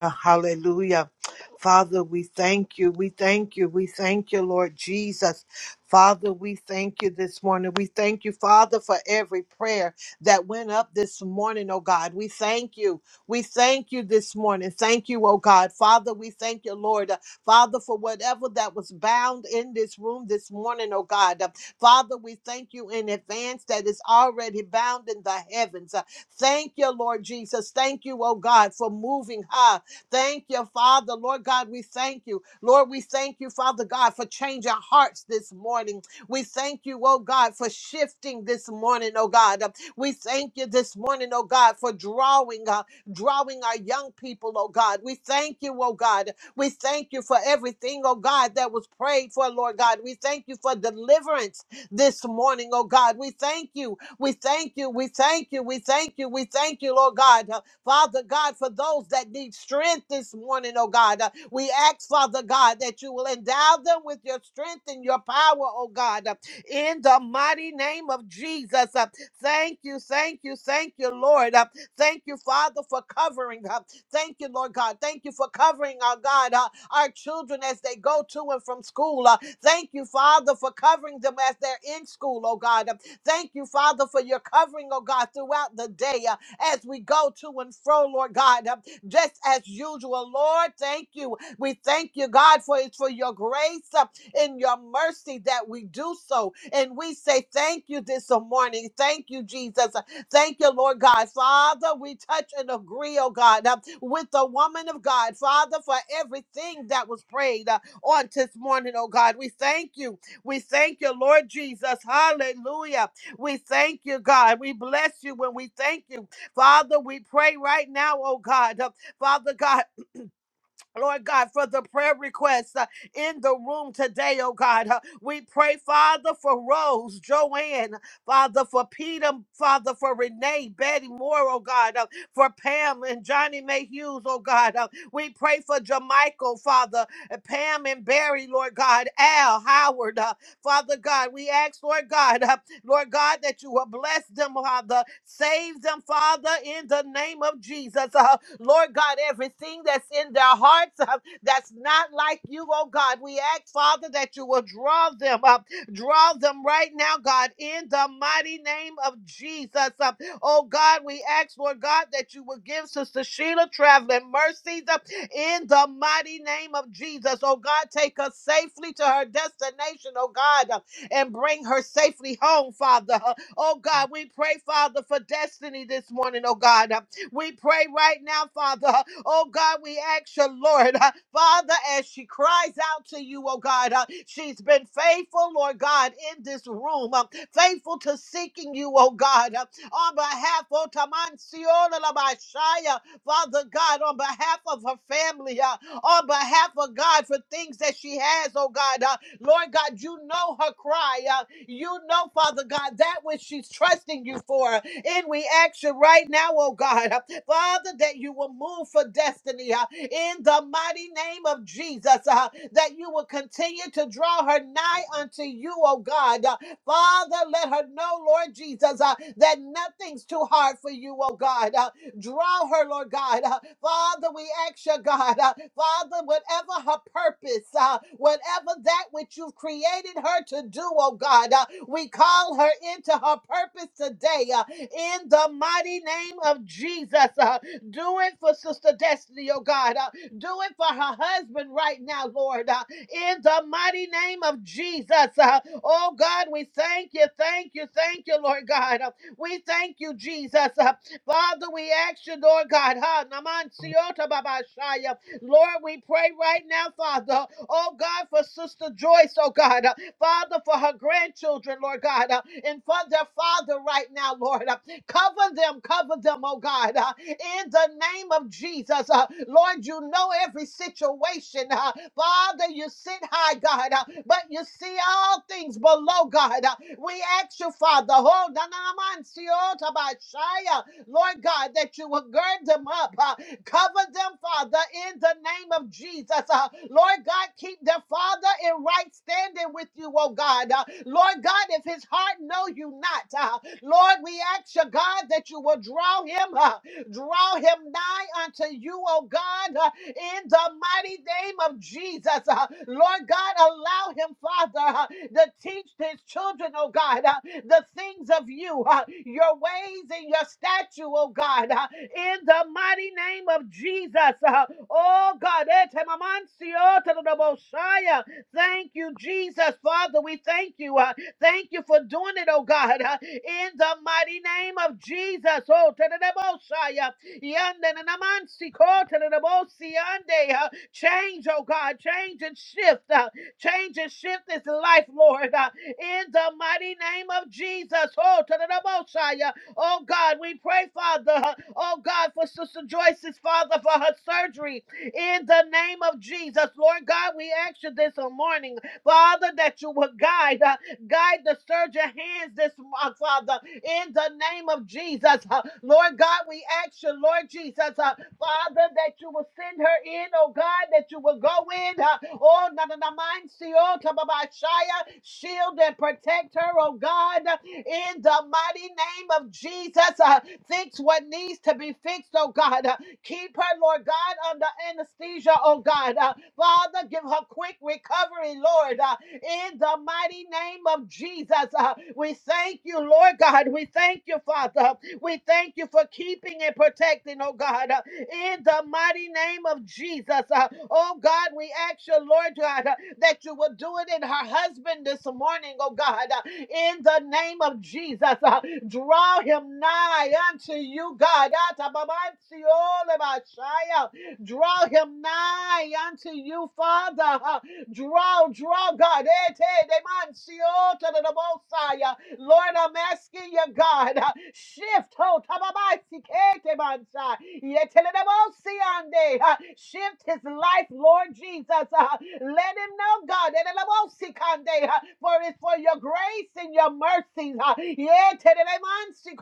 Speaker 3: Hallelujah. Father, we thank you. We thank you. We thank you, Lord Jesus. Father, we thank you this morning. We thank you, Father, for every prayer that went up this morning, oh God. We thank you. We thank you this morning. Thank you, oh God. Father, we thank you, Lord. Uh, Father, for whatever that was bound in this room this morning, oh God. Uh, Father, we thank you in advance that is already bound in the heavens. Uh, Thank you, Lord Jesus. Thank you, oh God, for moving high. Thank you, Father. Lord God, we thank you. Lord, we thank you, Father God, for changing hearts this morning. We thank you, oh God, for shifting this morning, oh God. Uh, We thank you this morning, oh God, for drawing, uh, drawing our young people, oh God. We thank you, oh God. We thank you for everything, oh God, that was prayed for, Lord God. We thank you for deliverance this morning, oh God. We thank you. We thank you. We thank you. We thank you. We thank you, Lord God. Father God, for those that need strength this morning, oh God. Uh, we ask, Father God, that you will endow them with your strength and your power, oh God, uh, in the mighty name of Jesus. Uh, thank you, thank you, thank you, Lord. Uh, thank you, Father, for covering. Uh, thank you, Lord God. Thank you for covering our God, uh, our children as they go to and from school. Uh, thank you, Father, for covering them as they're in school, oh God. Uh, Thank you, Father, for your covering, oh God, throughout the day. Uh, as we go to and fro, Lord God, uh, just as usual. Lord, thank you. We thank you, God, for it's for your grace uh, and your mercy that we do so. And we say thank you this morning. Thank you, Jesus. Thank you, Lord God. Father, we touch and agree, oh God, uh, with the woman of God. Father, for everything that was prayed uh, on this morning, oh God. We thank you. We thank you, Lord Jesus. Hallelujah. We thank you, God. We bless you when we thank you. Father, we pray right now, oh God. uh, Father God, Lord God, for the prayer requests uh, in the room today, oh God. Uh, we pray, Father, for Rose, Joanne, Father, for Peter, Father, for Renee, Betty Moore, oh God, uh, for Pam and Johnny May Hughes, oh God. Uh, we pray for Jamichael, Father, uh, Pam and Barry, Lord God, Al, Howard, uh, Father God. We ask, Lord God, uh, Lord God, that you will bless them, Father. Save them, Father, in the name of Jesus. Uh, Lord God, everything that's in their hearts uh, that's not like you, oh God, we ask, Father, that you will draw them up. Draw them right now, God, in the mighty name of Jesus. Uh, oh God, we ask, Lord God, that you will give Sister Sheila traveling mercies uh, in the mighty name of Jesus. Oh God, take us safely to her destination, oh God and bring her safely home, Father. Oh God, we pray, Father, for destiny this morning, oh God. We pray right now, Father. Oh God, we ask you, Lord, uh, Father, as she cries out to you, oh God, uh, she's been faithful, Lord God, in this room, uh, faithful to seeking you, oh God, uh, on behalf of Tamansiolalabashaya, Father God, on behalf of her family, uh, on behalf of God for things that she has, oh God. Lord God, you know her cry. Uh, you know, Father God, that which she's trusting you for in reaction right now, oh God. Uh, Father, that you will move for destiny uh, in the mighty name of Jesus, uh, that you will continue to draw her nigh unto you, oh God. Uh, Father, let her know, Lord Jesus, uh, that nothing's too hard for you, oh God. Uh, Draw her, Lord God. Uh, Father, we ask you, God, uh, Father, whatever her purpose, uh, whatever that which you've created her to do, oh God, uh, we call her into her purpose today uh, in the mighty name of Jesus. Uh, do it for Sister Destiny, oh God. Uh, do it for her husband right now, Lord, uh, in the mighty name of Jesus. Uh, oh God, we thank you, thank you, thank you, Lord God. Uh, we thank you, Jesus. Uh, Father, we ask you, Lord God, ha, Naman Siota Babashaya. Lord, we pray right now, Father, oh God, for Sister Joyce, oh God, uh, Father, for her grandchildren, Lord God, uh, and for their father right now, Lord. uh, Cover them, cover them, oh God, uh, in the name of Jesus. uh, Lord, you know every situation. uh, Father, you sit high, God, uh, but you see all things below, God. uh, We ask you, Father, oh, na- na- na- man, see, oh, tabashaya. Lord God, that you will gird them up, uh, cover them, Father, in the name of Jesus. Uh, Lord God, keep their Father in right standing with you, oh God. Uh, Lord God, if his heart know you not, uh, Lord, we ask you, God, that you will draw him. uh, Draw him nigh unto you, oh God, uh, in the mighty name of Jesus. Uh, Lord God, allow him, Father, uh, to teach his children, oh God, uh, the things of you, uh, your ways and your statue, oh God, uh, in the mighty name of Jesus. Uh, Oh God, etemamancio, tadadabosaya. thank you, Jesus. Father, we thank you. Uh, Thank you for doing it, oh God, uh, in the mighty name of Jesus. Oh, tadadabosaya, yandananamansi, kotadadabosiyande, uh, change, oh God, change and shift. uh, Change and shift this life, Lord, uh, in the mighty name of Jesus. Oh, tadadabosaya. oh God, we pray, Father, uh, oh God, for Sister Joyce's father for her surgery in the name of Jesus. Lord God, we ask you this morning, Father, that you would guide. uh, Guide the surgeon hands this month, Father, in the name of Jesus. Uh, Lord God, we ask you, Lord Jesus, uh, Father, that you will send her in, oh God, that you will go in. Uh, oh, na na na mine, see, oh, ta, shield and protect her, oh God, uh, in the mighty name of Jesus. Uh, fix what needs to be fixed, oh God. Uh, keep her, Lord God, under anesthesia, oh God. Uh, Father, give her quick recovery, Lord. Uh, in the mighty name of Jesus. Uh, We thank you, Lord God. We thank you, Father. We thank you for keeping and protecting, oh God, uh, in the mighty name of Jesus. Uh, Oh God, we ask you, Lord God, uh, that you will do it in her husband this morning, oh God, uh, in the name of Jesus. Uh, Draw him nigh unto you, God. Atabamantiolebashaya. Draw him nigh unto you, Father. Uh, Draw, draw, God. Eh, te, de man, si, oh, ta, da, da, Lord, I'm asking you, God, uh, shift, oh, ta, ba, ba, si, ke, te, man, sa. Ye, te, le, de, si, uh, shift his life, Lord Jesus. uh, Let him know, God, eh, de, le, si, uh, for it's for your grace and your mercies. uh, ye, te, de, si,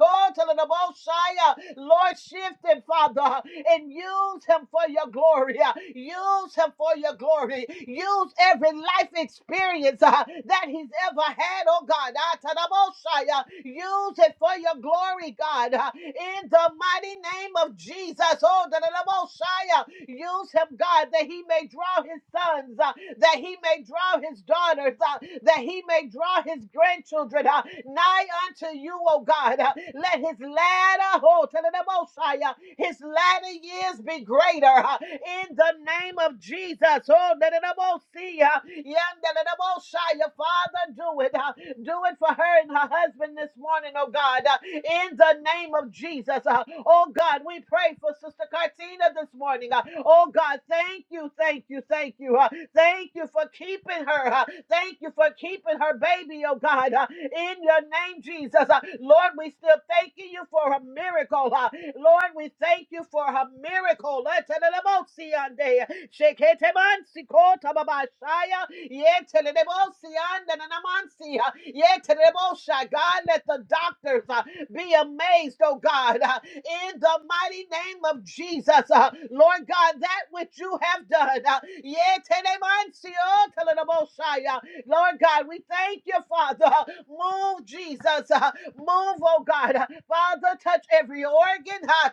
Speaker 3: Lord, shift him, Father, uh, and use him for your glory. uh, Use him for your glory. Use knows every life experience uh, that he's ever had, oh God. Ah, Tadabosai, uh, Use it for your glory, God. uh, In the mighty name of Jesus, oh Tadabosai, uh, use him, God, that he may draw his sons, uh, that he may draw his daughters, uh, that he may draw his grandchildren uh, nigh unto you, oh God. Uh, Let his ladder, oh Tadabosai, uh, his ladder. years years be greater uh, in the name of Jesus. Oh, let it all see. uh, yeah, let it all shine. Your Father, do it. uh, Do it for her and her husband this morning, oh God, uh, in the name of Jesus. uh, Oh God, we pray for Sister Cartina this morning. uh, Oh God, thank you, thank you, thank you. uh, Thank you for keeping her. uh, Thank you for keeping her baby, oh God, uh, in your name, Jesus. Uh, Lord, we still thank you thanking you for a miracle. uh, Lord, we thank you for a miracle. Etelelebosiande, sheketemansikotobabashaya, yetelelebosiandananamansi, uh, yetelelebosha. God, let the doctors uh, be amazed, oh God, uh, in the mighty name of Jesus. uh, Lord God, that which you have done. uh, yetelemansio telelebosha, Lord God, we thank you, Father. Move, Jesus. Uh, Move, oh God. Uh, Father, touch every organ uh,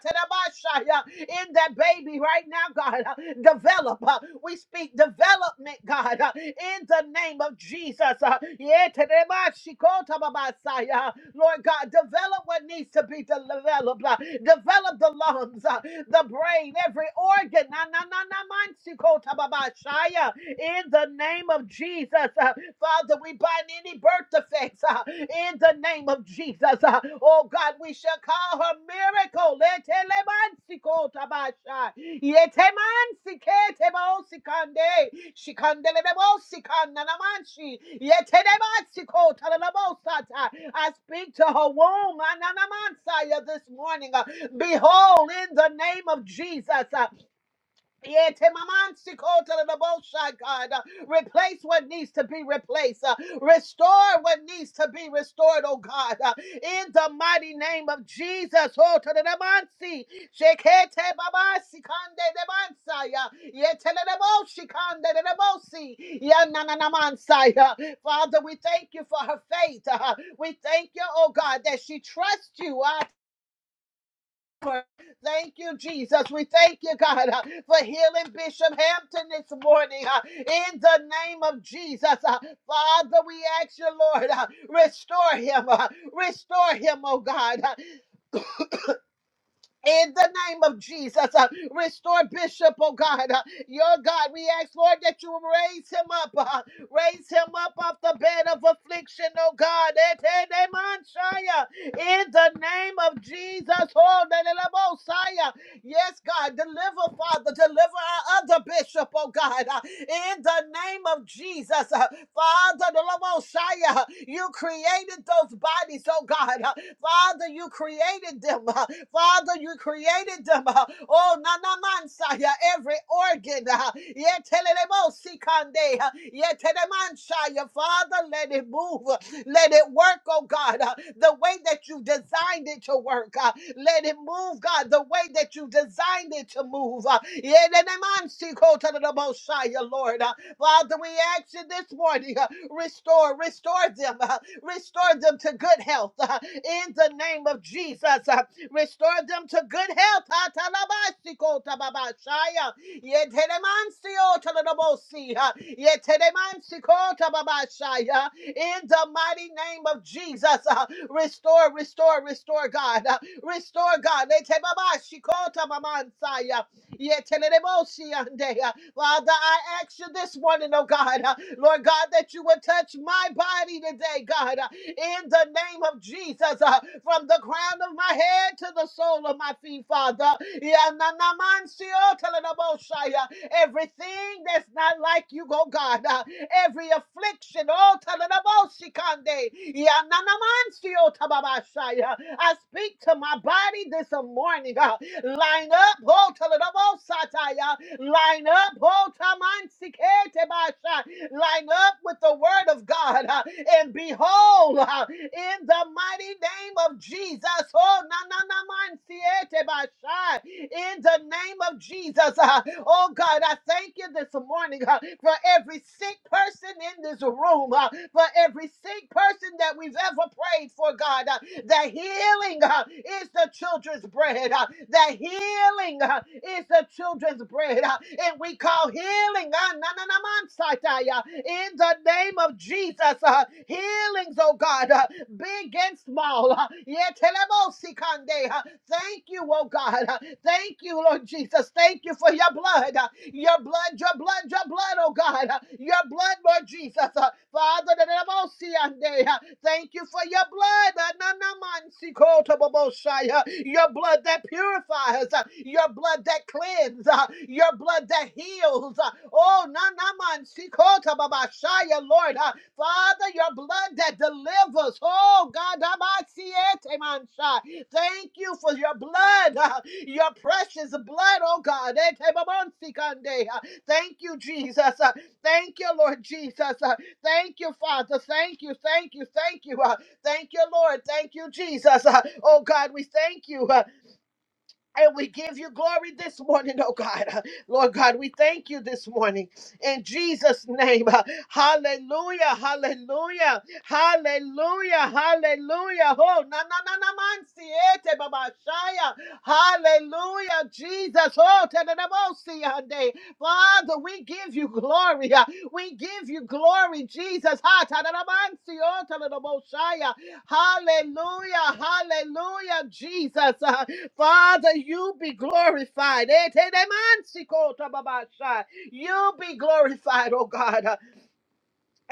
Speaker 3: in that baby right now, God. Uh, Develop. uh, We speak development, God, uh, in the name of Jesus. Uh, yeah, tadabashikotababasaya. Lord God, develop what needs to be developed. uh, Develop the lungs, uh, the brain, every organ. Na, na, na, na, man, si, ko, ta, ba, ba, shia. In the name of Jesus, uh, Father, we bind any birth defects uh, in the name of Jesus. uh, Oh God, God, we shall call her miracle. Letelemansikotaba. Yetemansiketebosikande. Shikandelebosikanamanshi. Yetemansikotalalamosata. I speak to her womb Ananamansaya, this morning. Uh, Behold, in the name of Jesus. Yeah, Temamansikotaraboshai, God. Uh, Replace what needs to be replaced. Uh, Restore what needs to be restored, oh God. Uh, In the mighty name of Jesus. Oh, Tadadamansi. Shekete babasikande demansaya. Yeteleleboshikande dedebosi. Yanananamansaya. Father, we thank you for her faith. Uh, We thank you, oh God, that she trusts you. Uh, power. Thank you, Jesus. We thank you, God, uh, for healing Bishop Hampton this morning. uh, in the name of Jesus, uh, Father, we ask you, Lord, uh, restore him. uh, restore him, oh God. uh, in the name of Jesus, uh, restore Bishop, oh God. Uh, your God, we ask, Lord, that you raise him up. uh, raise him up off the bed of affliction, oh God. Eh, te- de- man, shia. In the name of Jesus, oh, de- de- la- bo- shia. yes, God, deliver, Father, deliver our other bishop, oh God. Uh, in the name of Jesus, uh, Father, the Lord Most uh, you created those bodies, oh God. uh, Father, you created them. uh, Father, you created them. uh, Oh, nanamansaya, every organ. uh, yetelelebosikonde, uh, yetelemansaya. Father, let it move. uh, Let it work, oh God, uh, the way that you designed it to work. uh, Let it move, God, the way that you designed it to move. uh, yelenemansikotelebosaya, Lord. uh, Father, we ask you this morning, uh, restore, restore them, uh, restore them to good health uh, in the name of Jesus. uh, restore them to good health. Ah, uh, In the mighty name of Jesus, uh, restore, restore, restore, God, uh, restore, God. Etebabashiko tabamansaya, Yetenereboshiande. Father, I ask you this morning, oh God, uh, Lord God, that you would touch my body today, God, uh, in the name of Jesus, uh, from the crown of my head to the sole of my feet, Father. Yananamansioteleboshaya. Everything that's not like you, oh God, uh, every affliction, oh, teleboshikande. Yananamansiotababashaya. I speak to my body this morning. God, Line up, oh, Sataya. Line up, oh, Tamansikete Basha. Line up with the word of God. uh, And behold, uh, in the mighty name of Jesus, oh, na na na Mansiete Basha. In the name of Jesus, uh, oh God, I thank you this morning uh, for every sick person in this room, uh, for every sick person that we've ever prayed for, God, uh, that healing uh, is the children's bread. uh, That healing uh, is the children's bread. uh, And we call healing uh, na- na- na- man satai, uh, in the name of Jesus. uh, Healings, oh God, uh, big and small. uh, yetelebo sikande, uh, Thank you, oh God. uh, Thank you, Lord Jesus. Thank you for your blood. uh, Your blood, your blood, your blood, oh God. uh, Your blood, Lord Jesus. uh, Father, Thank you for your blood. Ananamansikotoboboshaya. Your blood that purifies. uh, Your blood that cleanses. uh, Your blood that heals. uh, Oh, nanamansikotababashaya, Lord. uh, Father, your blood that delivers. Oh, God. abasietemansha. Thank you for your blood. uh, Your precious blood, oh God. Etemamansikande, uh, Thank you, Jesus. uh, Thank you, Lord Jesus. uh. Thank you, Father. Thank you, thank you, thank you. Uh, thank you, Lord. Thank you, Jesus. Uh, oh, God, we thank you. Uh, and we give you glory this morning, oh God. Uh, Lord God, we thank you this morning in Jesus' name. Uh, Hallelujah, hallelujah, hallelujah, hallelujah. Oh, na na na na man siete baba shaya. Hallelujah, Jesus. Oh, te na na mo si ande. Father, we give you glory. Uh, We give you glory, Jesus. Ha ta na na man si o te na na mo shaya. Hallelujah, hallelujah, Jesus. Father, you be glorified. Eh, te demansi kota babasha. You be glorified, oh God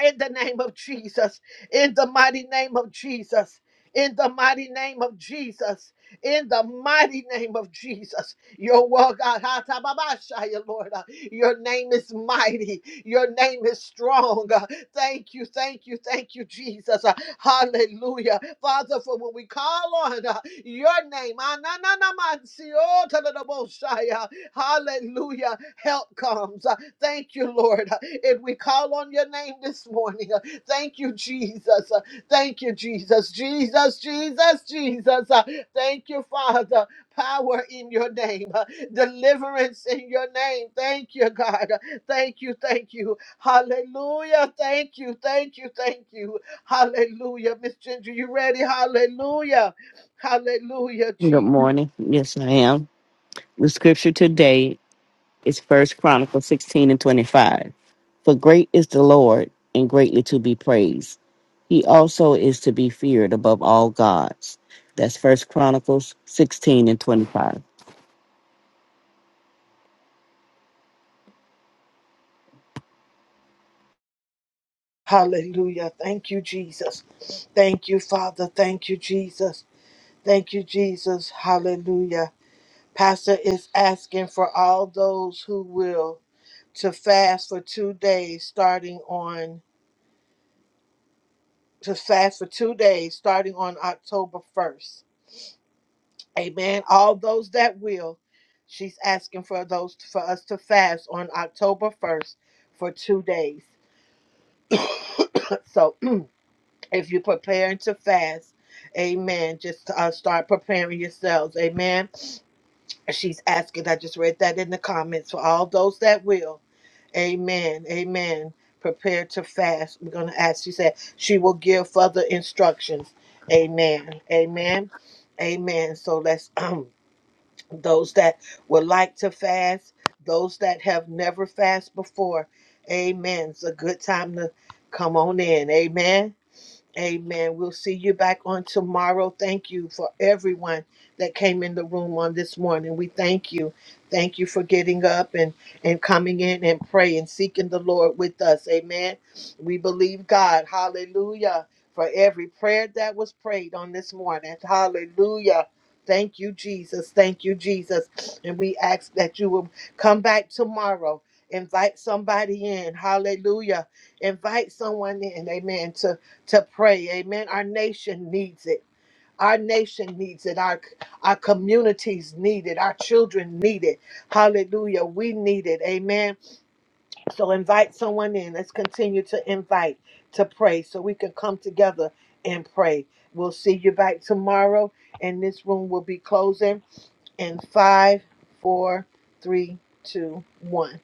Speaker 3: in the name of Jesus, in the mighty name of Jesus, in the mighty name of Jesus, in the mighty name of Jesus. Your word, God, ha, ta, ba, ba, sha, ya, Lord, uh, your name is mighty, your name is strong. uh, Thank you, thank you, thank you, Jesus. uh, Hallelujah. Father, for when we call on uh, your name, ah, na, na, na, man, si, oh, ta, da, da, bo, sha, ya, hallelujah, help comes. Thank you, Lord. And we call on your name this morning. Thank you, Jesus. Thank you, Jesus. Jesus, Jesus, Jesus. Thank you, Father. Power in your name, deliverance in your name. Thank you, God. Thank you, thank you. Hallelujah. Thank you, thank you, thank you. Hallelujah. Miss Ginger, you ready? Hallelujah. Hallelujah,
Speaker 4: Good
Speaker 3: Jesus.
Speaker 4: morning. Yes, I am. The scripture today is First Chronicles 16 and 25. For great is the Lord and greatly to be praised. He also is to be feared above all gods. That's First Chronicles 16 and 25.
Speaker 3: Hallelujah. Thank you, Jesus. Thank you, Father. Thank you, Jesus. Thank you, Jesus. Hallelujah. Pastor is asking for all those who will to fast for two days starting on to fast for two days starting on October 1st. Amen. All those that will, she's asking for those for us to fast on October 1st for two days. So if you're preparing to fast, amen, just uh, start preparing yourselves. Amen. She's asking, I just read that in the comments for all those that will. Amen. Amen. Prepare to fast. We're going to ask. She said she will give further instructions. Amen. Amen. Amen. So let's, um, those that would like to fast, those that have never fasted before, amen. It's a good time to come on in. Amen. Amen. We'll see you back on tomorrow. Thank you for everyone that came in the room on this morning. We thank you. Thank you for getting up and, and coming in and praying, seeking the Lord with us. Amen. We believe God. Hallelujah. For every prayer that was prayed on this morning. Hallelujah. Thank you, Jesus. Thank you, Jesus. And we ask that you will come back tomorrow. Invite somebody in. Hallelujah. Invite someone in. Amen to pray. Amen. Our nation needs it. Our nation needs it. Our our communities need it. Our children need it. Hallelujah. We need it. Amen. So invite someone in. Let's continue to invite to pray so we can come together and pray. We'll see you back tomorrow. And this room will be closing in five, four, three, two, one.